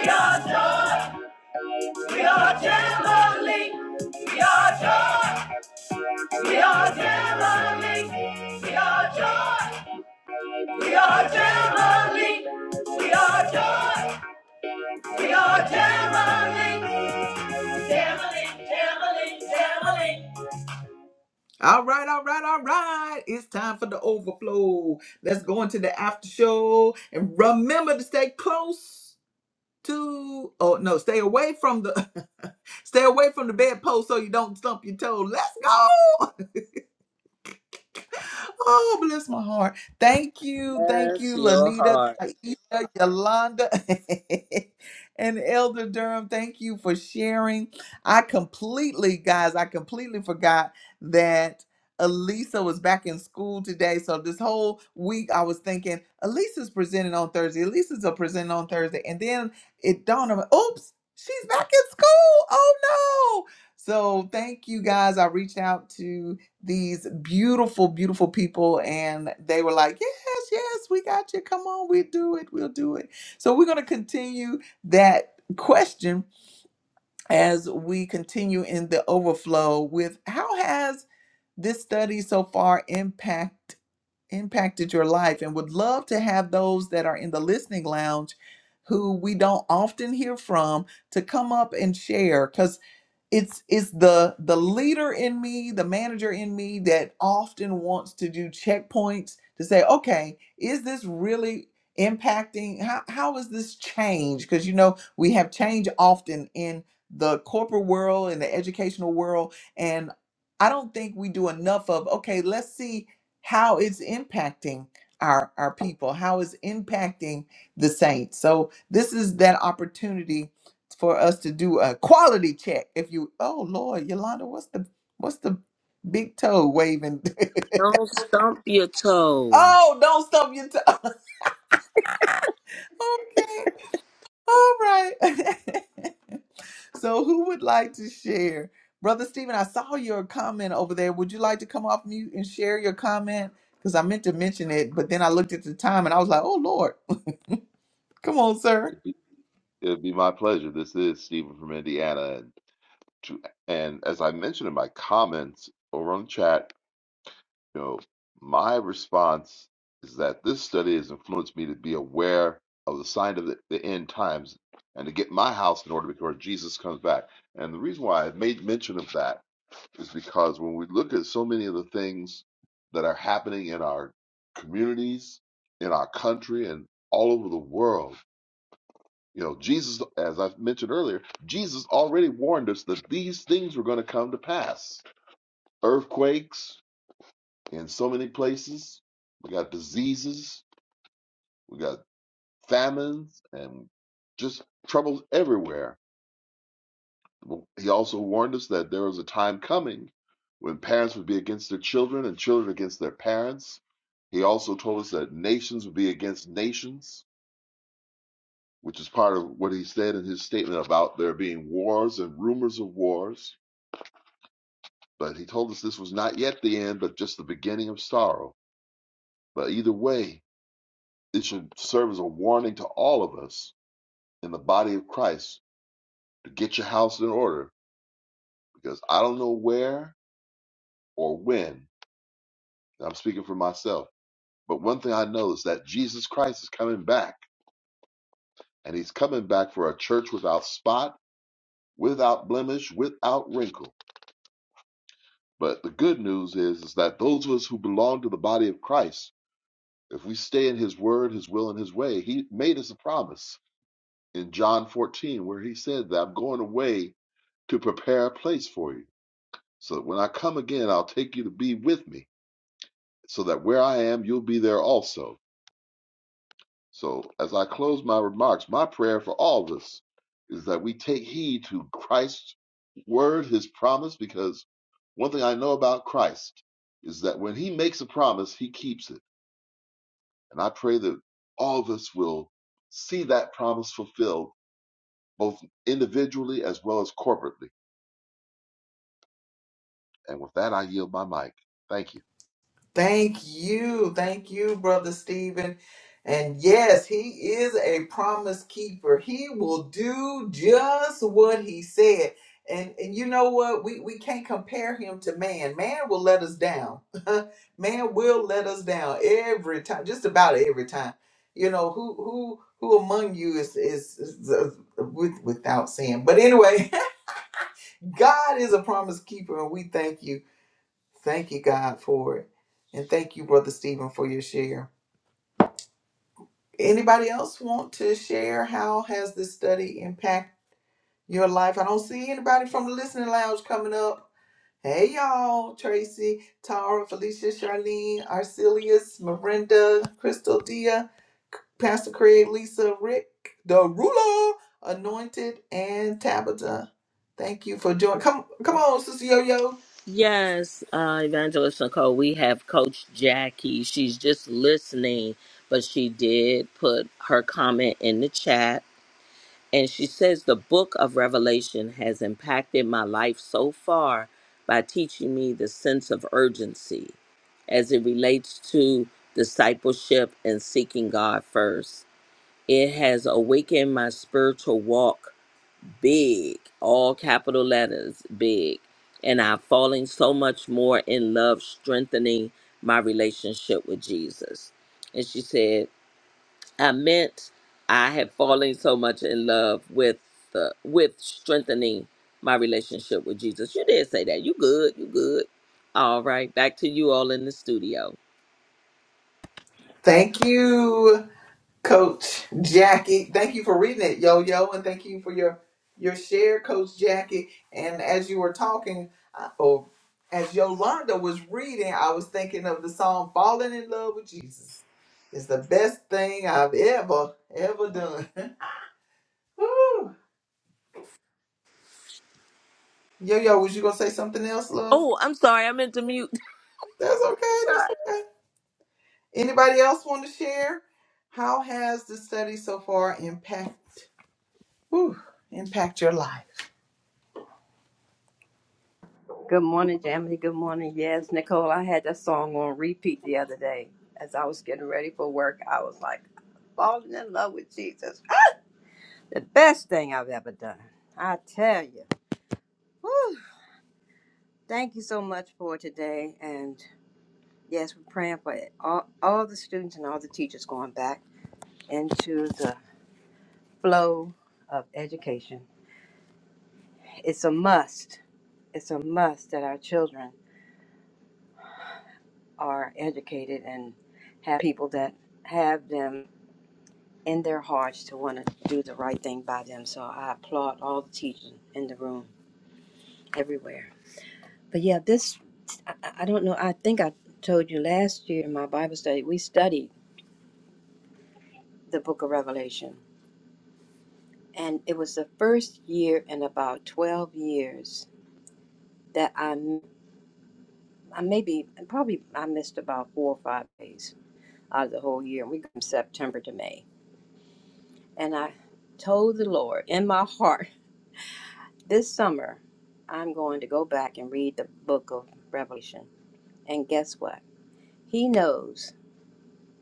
S1: We are joy. We are Jamboree. We are joy. We are Jamboree. We are joy. We are Jamboree. We are joy. We are Jamboree. Jamboree. Jamboree. Jamboree. All right, all right, all right. It's time for the overflow. Let's go into the after show and remember to stay close. to, Oh no stay away from the [laughs] stay away from the bedpost so you don't stump your toe let's go Oh, bless my heart. Thank you. Thank
S8: Bless
S1: you,
S8: your
S1: Lanita,
S8: heart.
S1: Taisha, Yolanda, [laughs] and Elder Durham. Thank you for sharing. I completely, guys, I completely forgot that Elisa was back in school today. So this whole week I was thinking, Elisa's presenting on Thursday. Elisa's a presenting on Thursday. And then it dawned on me, oops, she's back in school. Oh no. So thank you guys. I reached out to these beautiful, beautiful people, and they were like, Yes, yes, we got you. Come on, we do it, we'll do it. So, we're going to continue that question as we continue in the overflow with how has this study so far impact impacted your life and would love to have those that are in the listening lounge who we don't often hear from to come up and share it's it's the the leader in me the manager in me that often wants to do checkpoints to say okay is this really impacting how, how is this change because you know we have change often in the corporate world in the educational world and i don't think we do enough of okay let's see how it's impacting our our people how it's impacting the saints so this is that opportunity for us to do a quality check. If you, oh Lord, Yolanda, what's the what's the big toe waving?
S8: Don't stump your
S1: [laughs]
S8: toe.
S1: oh, don't stump your toe. [laughs] okay, all right. [laughs] so, who would like to share, Brother Stephen? I saw your comment over there. Would you like to come off mute and share your comment? Because I meant to mention it, but then I looked at the time and I was like, oh Lord, [laughs] come on, sir.
S3: It'd be, it'd be my pleasure. This is Stephen from Indiana, and to, and as I mentioned in my comments over on the chat, you know, my response is that this study has influenced me to be aware of the sign of the, the end times and to get my house in order before Jesus comes back. And the reason why I made mention of that. is because when we look at so many of the things that are happening in our communities, in our country, and all over the world, you know, Jesus, as I mentioned earlier, Jesus already warned us that these things were going to come to pass. Earthquakes in so many places, we got diseases, we got famines, and just troubles everywhere He also warned us that there was a time coming when parents would be against their children and children against their parents. He also told us that nations would be against nations, which is part of what he said in his statement about there being wars and rumors of wars. But he told us this was not yet the end, but just the beginning of sorrow. But either way, it should serve as a warning to all of us in the body of Christ to get your house in order because I don't know where or when, and I'm speaking for myself But one thing I know is that Jesus Christ is coming back, and he's coming back for a church without spot, without blemish, without wrinkle. But the good news is, is that those of us who belong to the body of Christ, if we stay in his word, his will, and his way, he made us a promise in John 14 where he said that I'm going away to prepare a place for you. So that when I come again, I'll take you to be with me, so that where I am, you'll be there also. So, as I close my remarks, my prayer for all of us is that we take heed to Christ's word, his promise, because one thing I know about Christ is that when he makes a promise, he keeps it. And I pray that all of us will see that promise fulfilled, both individually as well as corporately. And with that, I yield my mic. Thank you.
S1: Thank you. Thank you, Brother Stephen. And yes, he is a promise keeper. He will do just what he said. And and you know what? We we can't compare him to man. Man will let us down. [laughs] man will let us down every time, just about every time. You know, who who who among you is is, is uh, with, without sin. But anyway, [laughs] God is a promise keeper and we thank you. Thank you, God, for it. And thank you, Brother Stephen, for your share. Anybody else want to share how has this study impact your life? I don't see anybody from the listening lounge coming up. Hey y'all, Tracy, Tara, Felicia, Charlene, Arcelius, Miranda, Crystal Dia, Pastor Craig, Lisa, Rick, the ruler, anointed, and Tabitha. Thank you for joining. Come come on, Sister Yo Yo.
S8: Yes, uh, Evangelist Nicole, we have Coach Jackie. She's just listening, but she did put her comment in the chat. And she says the book of Revelation has impacted my life so far by teaching me the sense of urgency as it relates to discipleship and seeking God first. It has awakened my spiritual walk big, all capital letters, big. And I've fallen so much more in love, strengthening my relationship with Jesus. And she said, I meant I had fallen so much in love with the with strengthening my relationship with Jesus. You did say that. You good. You good. All right. Back to you all in the studio.
S1: Thank you. Coach Jackie, thank you for reading it, yo yo, and thank you for your your share, Coach Jackie. And as you were talking, uh, or as Yolanda was reading, I was thinking of the song "Falling in Love with Jesus." It's the best thing I've ever ever done. [laughs] yo yo, was you gonna say something else, love?
S8: Oh, I'm sorry. I meant to mute. [laughs]
S1: That's okay. That's
S8: Sorry.
S1: okay. Anybody else want to share? How has the study so far impact? Whew, impact your life?
S2: Good morning, Jamie. Good morning. Yes, Nicole, I had that song on repeat the other day. As I was getting ready for work, I was like falling in love with Jesus. Ah! The best thing I've ever done. I tell you. Whew. Thank you so much for today. And yes, we're praying for it. all, all the students and all the teachers going back into the flow of education. It's a must. It's a must that our children are educated and have people that have them in their hearts to want to do the right thing by them. So I applaud all the teachers in the room everywhere. But yeah, this, I, I don't know, I think I told you last year in my Bible study, we studied the book of Revelation. And it was the first year in about 12 years that I, I maybe, probably I missed about four or five days out of the whole year. We go from September to May. And I told the Lord in my heart, This summer, I'm going to go back and read the book of Revelation. And guess what? He knows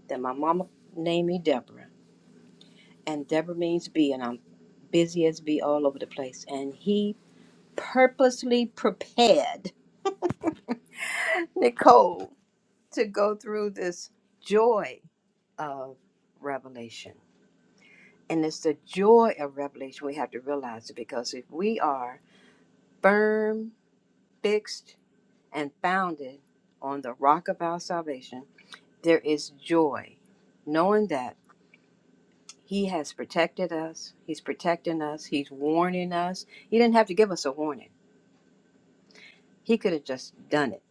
S2: that my mama named me Deborah, and Deborah means bee, and I'm busy as bee all over the place. And he purposely prepared [laughs] Nicole to go through this joy of revelation. And it's the joy of revelation we have to realize it because if we are firm, fixed, and founded on the rock of our salvation, There is joy knowing that He has protected us, He's protecting us, He's warning us. He didn't have to give us a warning, He could have just done it.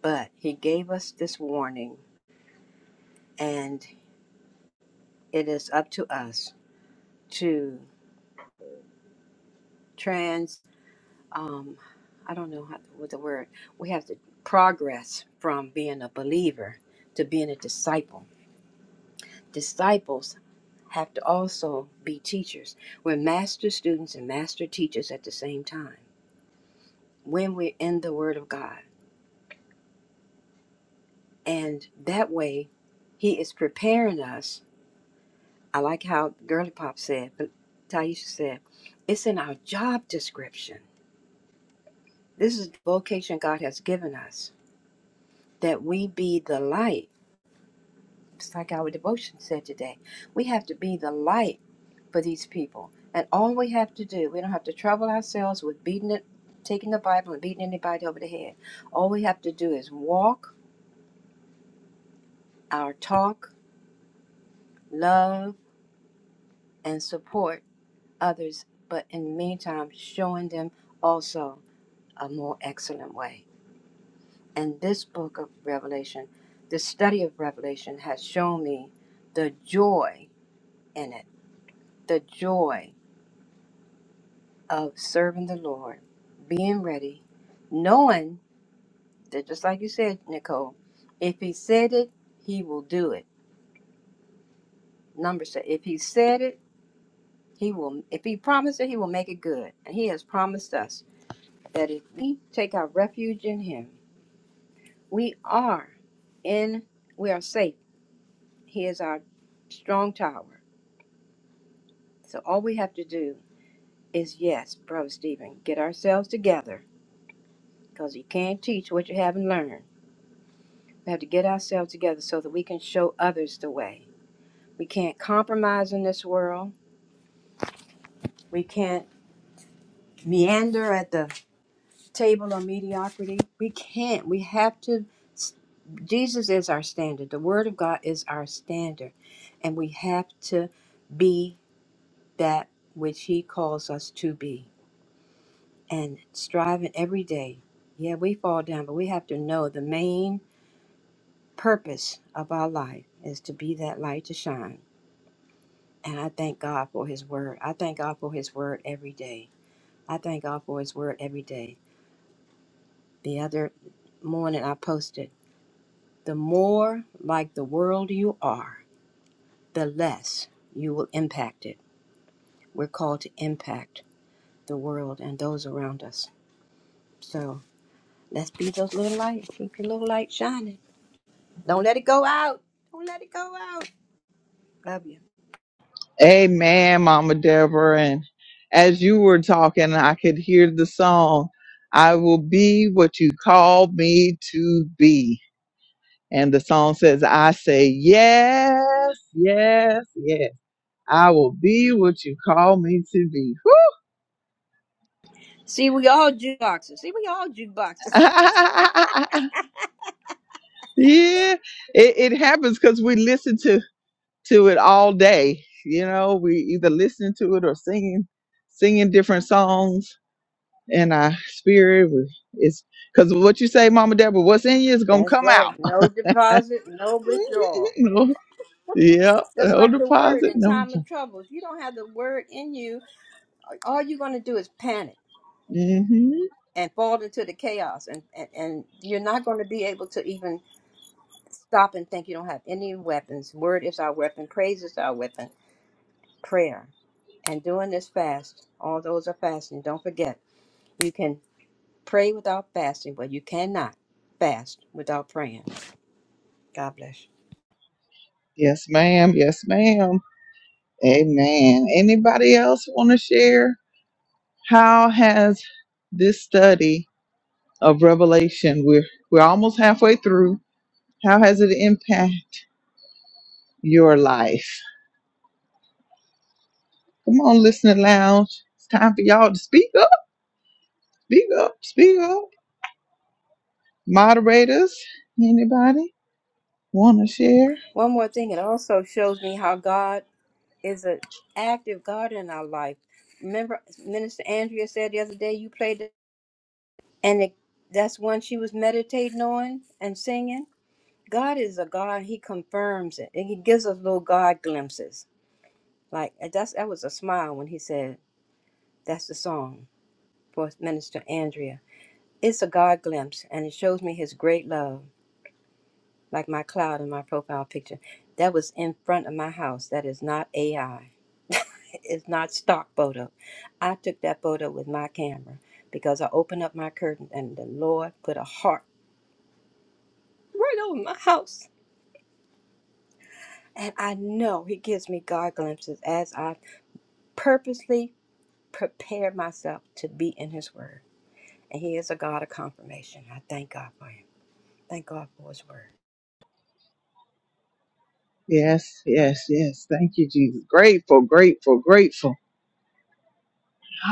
S2: But He gave us this warning, and it is up to us to trans, um, I don't know how, what the word, we have to progress from being a believer to being a disciple. Disciples have to also be teachers. We're master students and master teachers at the same time when we're in the Word of God. And that way, He is preparing us. I like how Girly Pop said, but Taisha said, it's in our job description. This is the vocation God has given us, that we be the light. It's like our devotion said today. We have to be the light for these people. And all we have to do, we don't have to trouble ourselves with beating it, taking the Bible and beating anybody over the head. All we have to do is walk our talk, love, and support others, but in the meantime, showing them also a more excellent way. And this book of Revelation, the study of Revelation, has shown me the joy in it, the joy of serving the Lord, being ready, knowing that just like you said, Nicole, if He said it, He will do it. Numbers say, if He said it, He will. If He promised it, He will make it good, and He has promised us that if we take our refuge in Him, we are. in we are safe. He is our strong tower. So all we have to do is yes, brother Stephen, get ourselves together because you can't teach what you haven't learned. We have to get ourselves together so that we can show others the way. We can't compromise in this world. We can't meander at the table of mediocrity. We can't. We have to. Jesus is our standard. The Word of God is our standard. And we have to be that which He calls us to be and striving every day. Yeah, we fall down, but we have to know the main purpose of our life is to be that light to shine. And I thank God for His Word. I thank God for His Word every day. I thank God for His Word every day. The other morning I posted, the more like the world you are, the less you will impact it. We're called to impact the world and those around us. So. Let's be those little lights. Keep your little light shining. Don't let it go out. Don't let it go out. Love you.
S1: Amen, Mama Deborah. And as you were talking, I could hear the song, I will be what you called me to be. And the song says, I say, yes, yes, yes. I will be what you call me to be.
S2: See, we all jukeboxes. See, we all
S1: [laughs]
S2: jukeboxes.
S1: yeah, it, it happens because we listen to, to it all day. You know, we either listening to it or singing, singing different songs in our spirit. We- It's because what you say, Mama Deborah, what's in you is
S2: [laughs]
S1: gonna
S2: That's
S1: come
S2: right.
S1: out.
S2: No deposit, no
S1: [laughs]
S2: withdrawal.
S1: no, yeah,
S2: Just
S1: no
S2: like the word
S1: deposit,
S2: in
S1: no.
S2: time of troubles. you don't have the word in you, all you're going to do is panic
S1: Mm-hmm.
S2: and fall into the chaos. And, and, and you're not going to be able to even stop and think you don't have any weapons. Word is our weapon. Praise is our weapon. Prayer. And doing this fast. All those are fasting. Don't forget. You can pray without fasting, but you cannot fast without praying. God bless you.
S1: Yes, ma'am. Yes, ma'am. Amen. Anybody else want to share? How has this study of Revelation, we're we're almost halfway through. How has it impact your life? Come on, listening lounge. It's time for y'all to speak up, speak up, speak up. Moderators, anybody? Want to share?
S2: One more thing, it also shows me how God is an active God in our life. Remember, Minister Andrea said the other day, you played it, and it, that's one she was meditating on and singing. God is a God, He confirms it, and He gives us little God glimpses. Like and that's that was a smile when He said, "That's the song for Minister Andrea." It's a God glimpse, and it shows me His great love like my cloud in my profile picture. That was in front of my house. That is not AI. [laughs] it's not stock photo. I took that photo with my camera because I opened up my curtain and the Lord put a heart right over my house. And I know He gives me God glimpses as I purposely prepare myself to be in His Word. And He is a God of confirmation. I thank God for Him. Thank God for His Word.
S1: Yes, yes, yes. Thank you, Jesus. Grateful, grateful, grateful.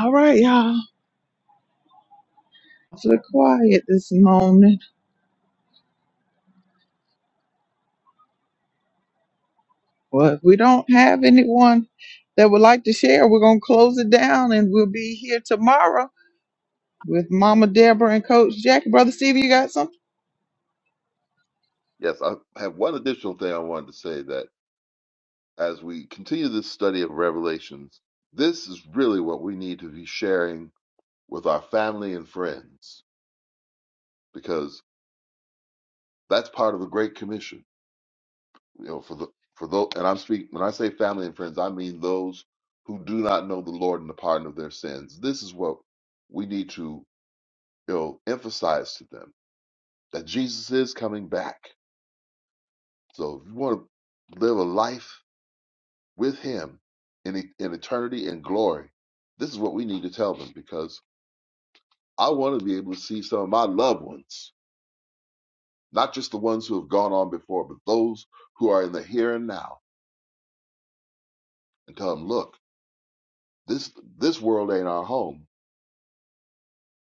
S1: All right, y'all. It's a little quiet this morning. Well, if we don't have anyone that would like to share, we're going to close it down and we'll be here tomorrow with Mama Deborah and Coach Jackie. Brother Stevie, you got something?
S3: Yes, I have one additional thing I wanted to say that as we continue this study of Revelations, this is really what we need to be sharing with our family and friends because that's part of the great commission you know for the for those and i'm speaking when i say family and friends i mean those who do not know the lord and the pardon of their sins this is what we need to you know emphasize to them that jesus is coming back so if you want to live a life with him in, e- in eternity and glory this is what we need to tell them because i want to be able to see some of my loved ones not just the ones who have gone on before, but those who are in the here and now, and tell them, look, this this world ain't our home.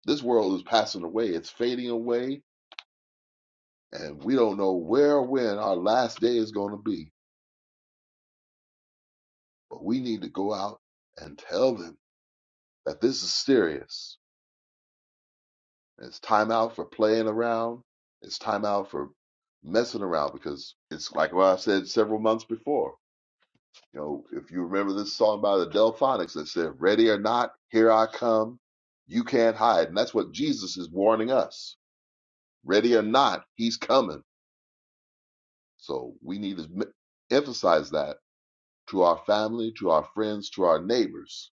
S3: This world is passing away. It's fading away, and we don't know where or when our last day is going to be. But we need to go out and tell them that this is serious. It's time out for playing around. It's time out for messing around because it's like what I said several months before. You know, if you remember this song by the Delphonics that said, Ready or not, here I come, you can't hide. And that's what Jesus is warning us. Ready or not, he's coming. So we need to m- emphasize that to our family, to our friends, to our neighbors,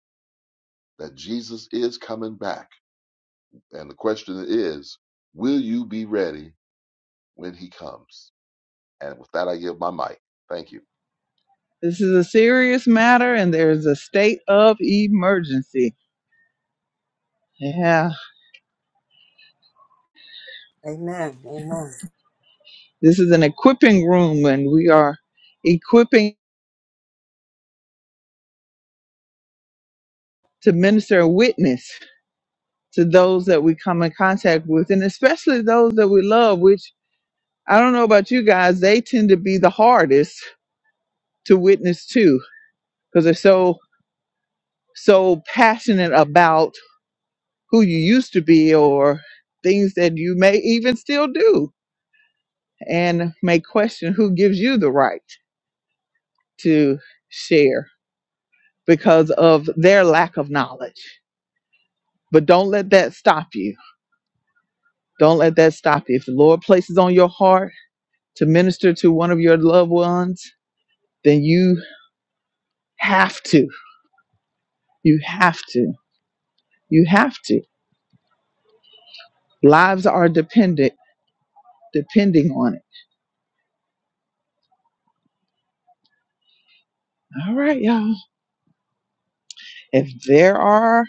S3: that Jesus is coming back. And the question is, will you be ready when he comes? And with that, I give my mic. Thank you.
S1: This is a serious matter and there's a state of emergency. Yeah.
S2: Amen. Amen.
S1: This is an equipping room and we are equipping to minister and witness to those that we come in contact with and especially those that we love, which I don't know about you guys, they tend to be the hardest to witness to because they're so so passionate about who you used to be or things that you may even still do and may question who gives you the right to share because of their lack of knowledge. But don't let that stop you. Don't let that stop you. If the Lord places on your heart to minister to one of your loved ones, then you have to. You have to. You have to. Lives are dependent depending on it. All right, y'all. If there are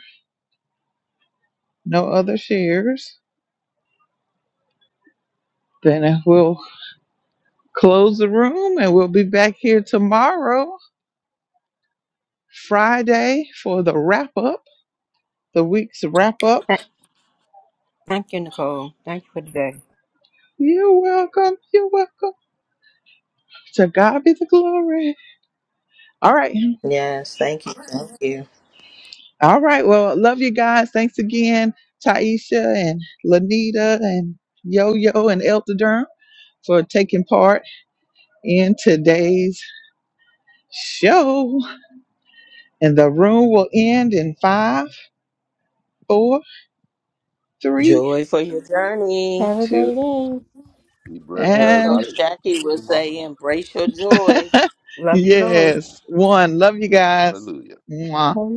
S1: no other shares, then we'll close the room and we'll be back here tomorrow, Friday, for the wrap up, the week's wrap up.
S2: Th- Thank you, Nicole. Thank you for today.
S1: You're welcome. You're welcome. To God be the glory. All right.
S8: Yes, thank you. Thank you.
S1: All right. Well, love you guys. Thanks again, Taisha and Lanita and Yo Yo and Elder Durham for taking part in today's show. And the room will end in five, four, three,
S8: Joy for your journey.
S7: Have a
S1: two,
S7: great
S3: Be blessed,
S8: As
S1: and
S3: everybody.
S8: Coach Jackie would say,
S3: Tomorrow.
S8: embrace your joy.
S1: [laughs]
S2: Love you, Lord.
S1: yes. One. Love you guys.
S3: Hallelujah.
S1: Mwah.
S7: evening.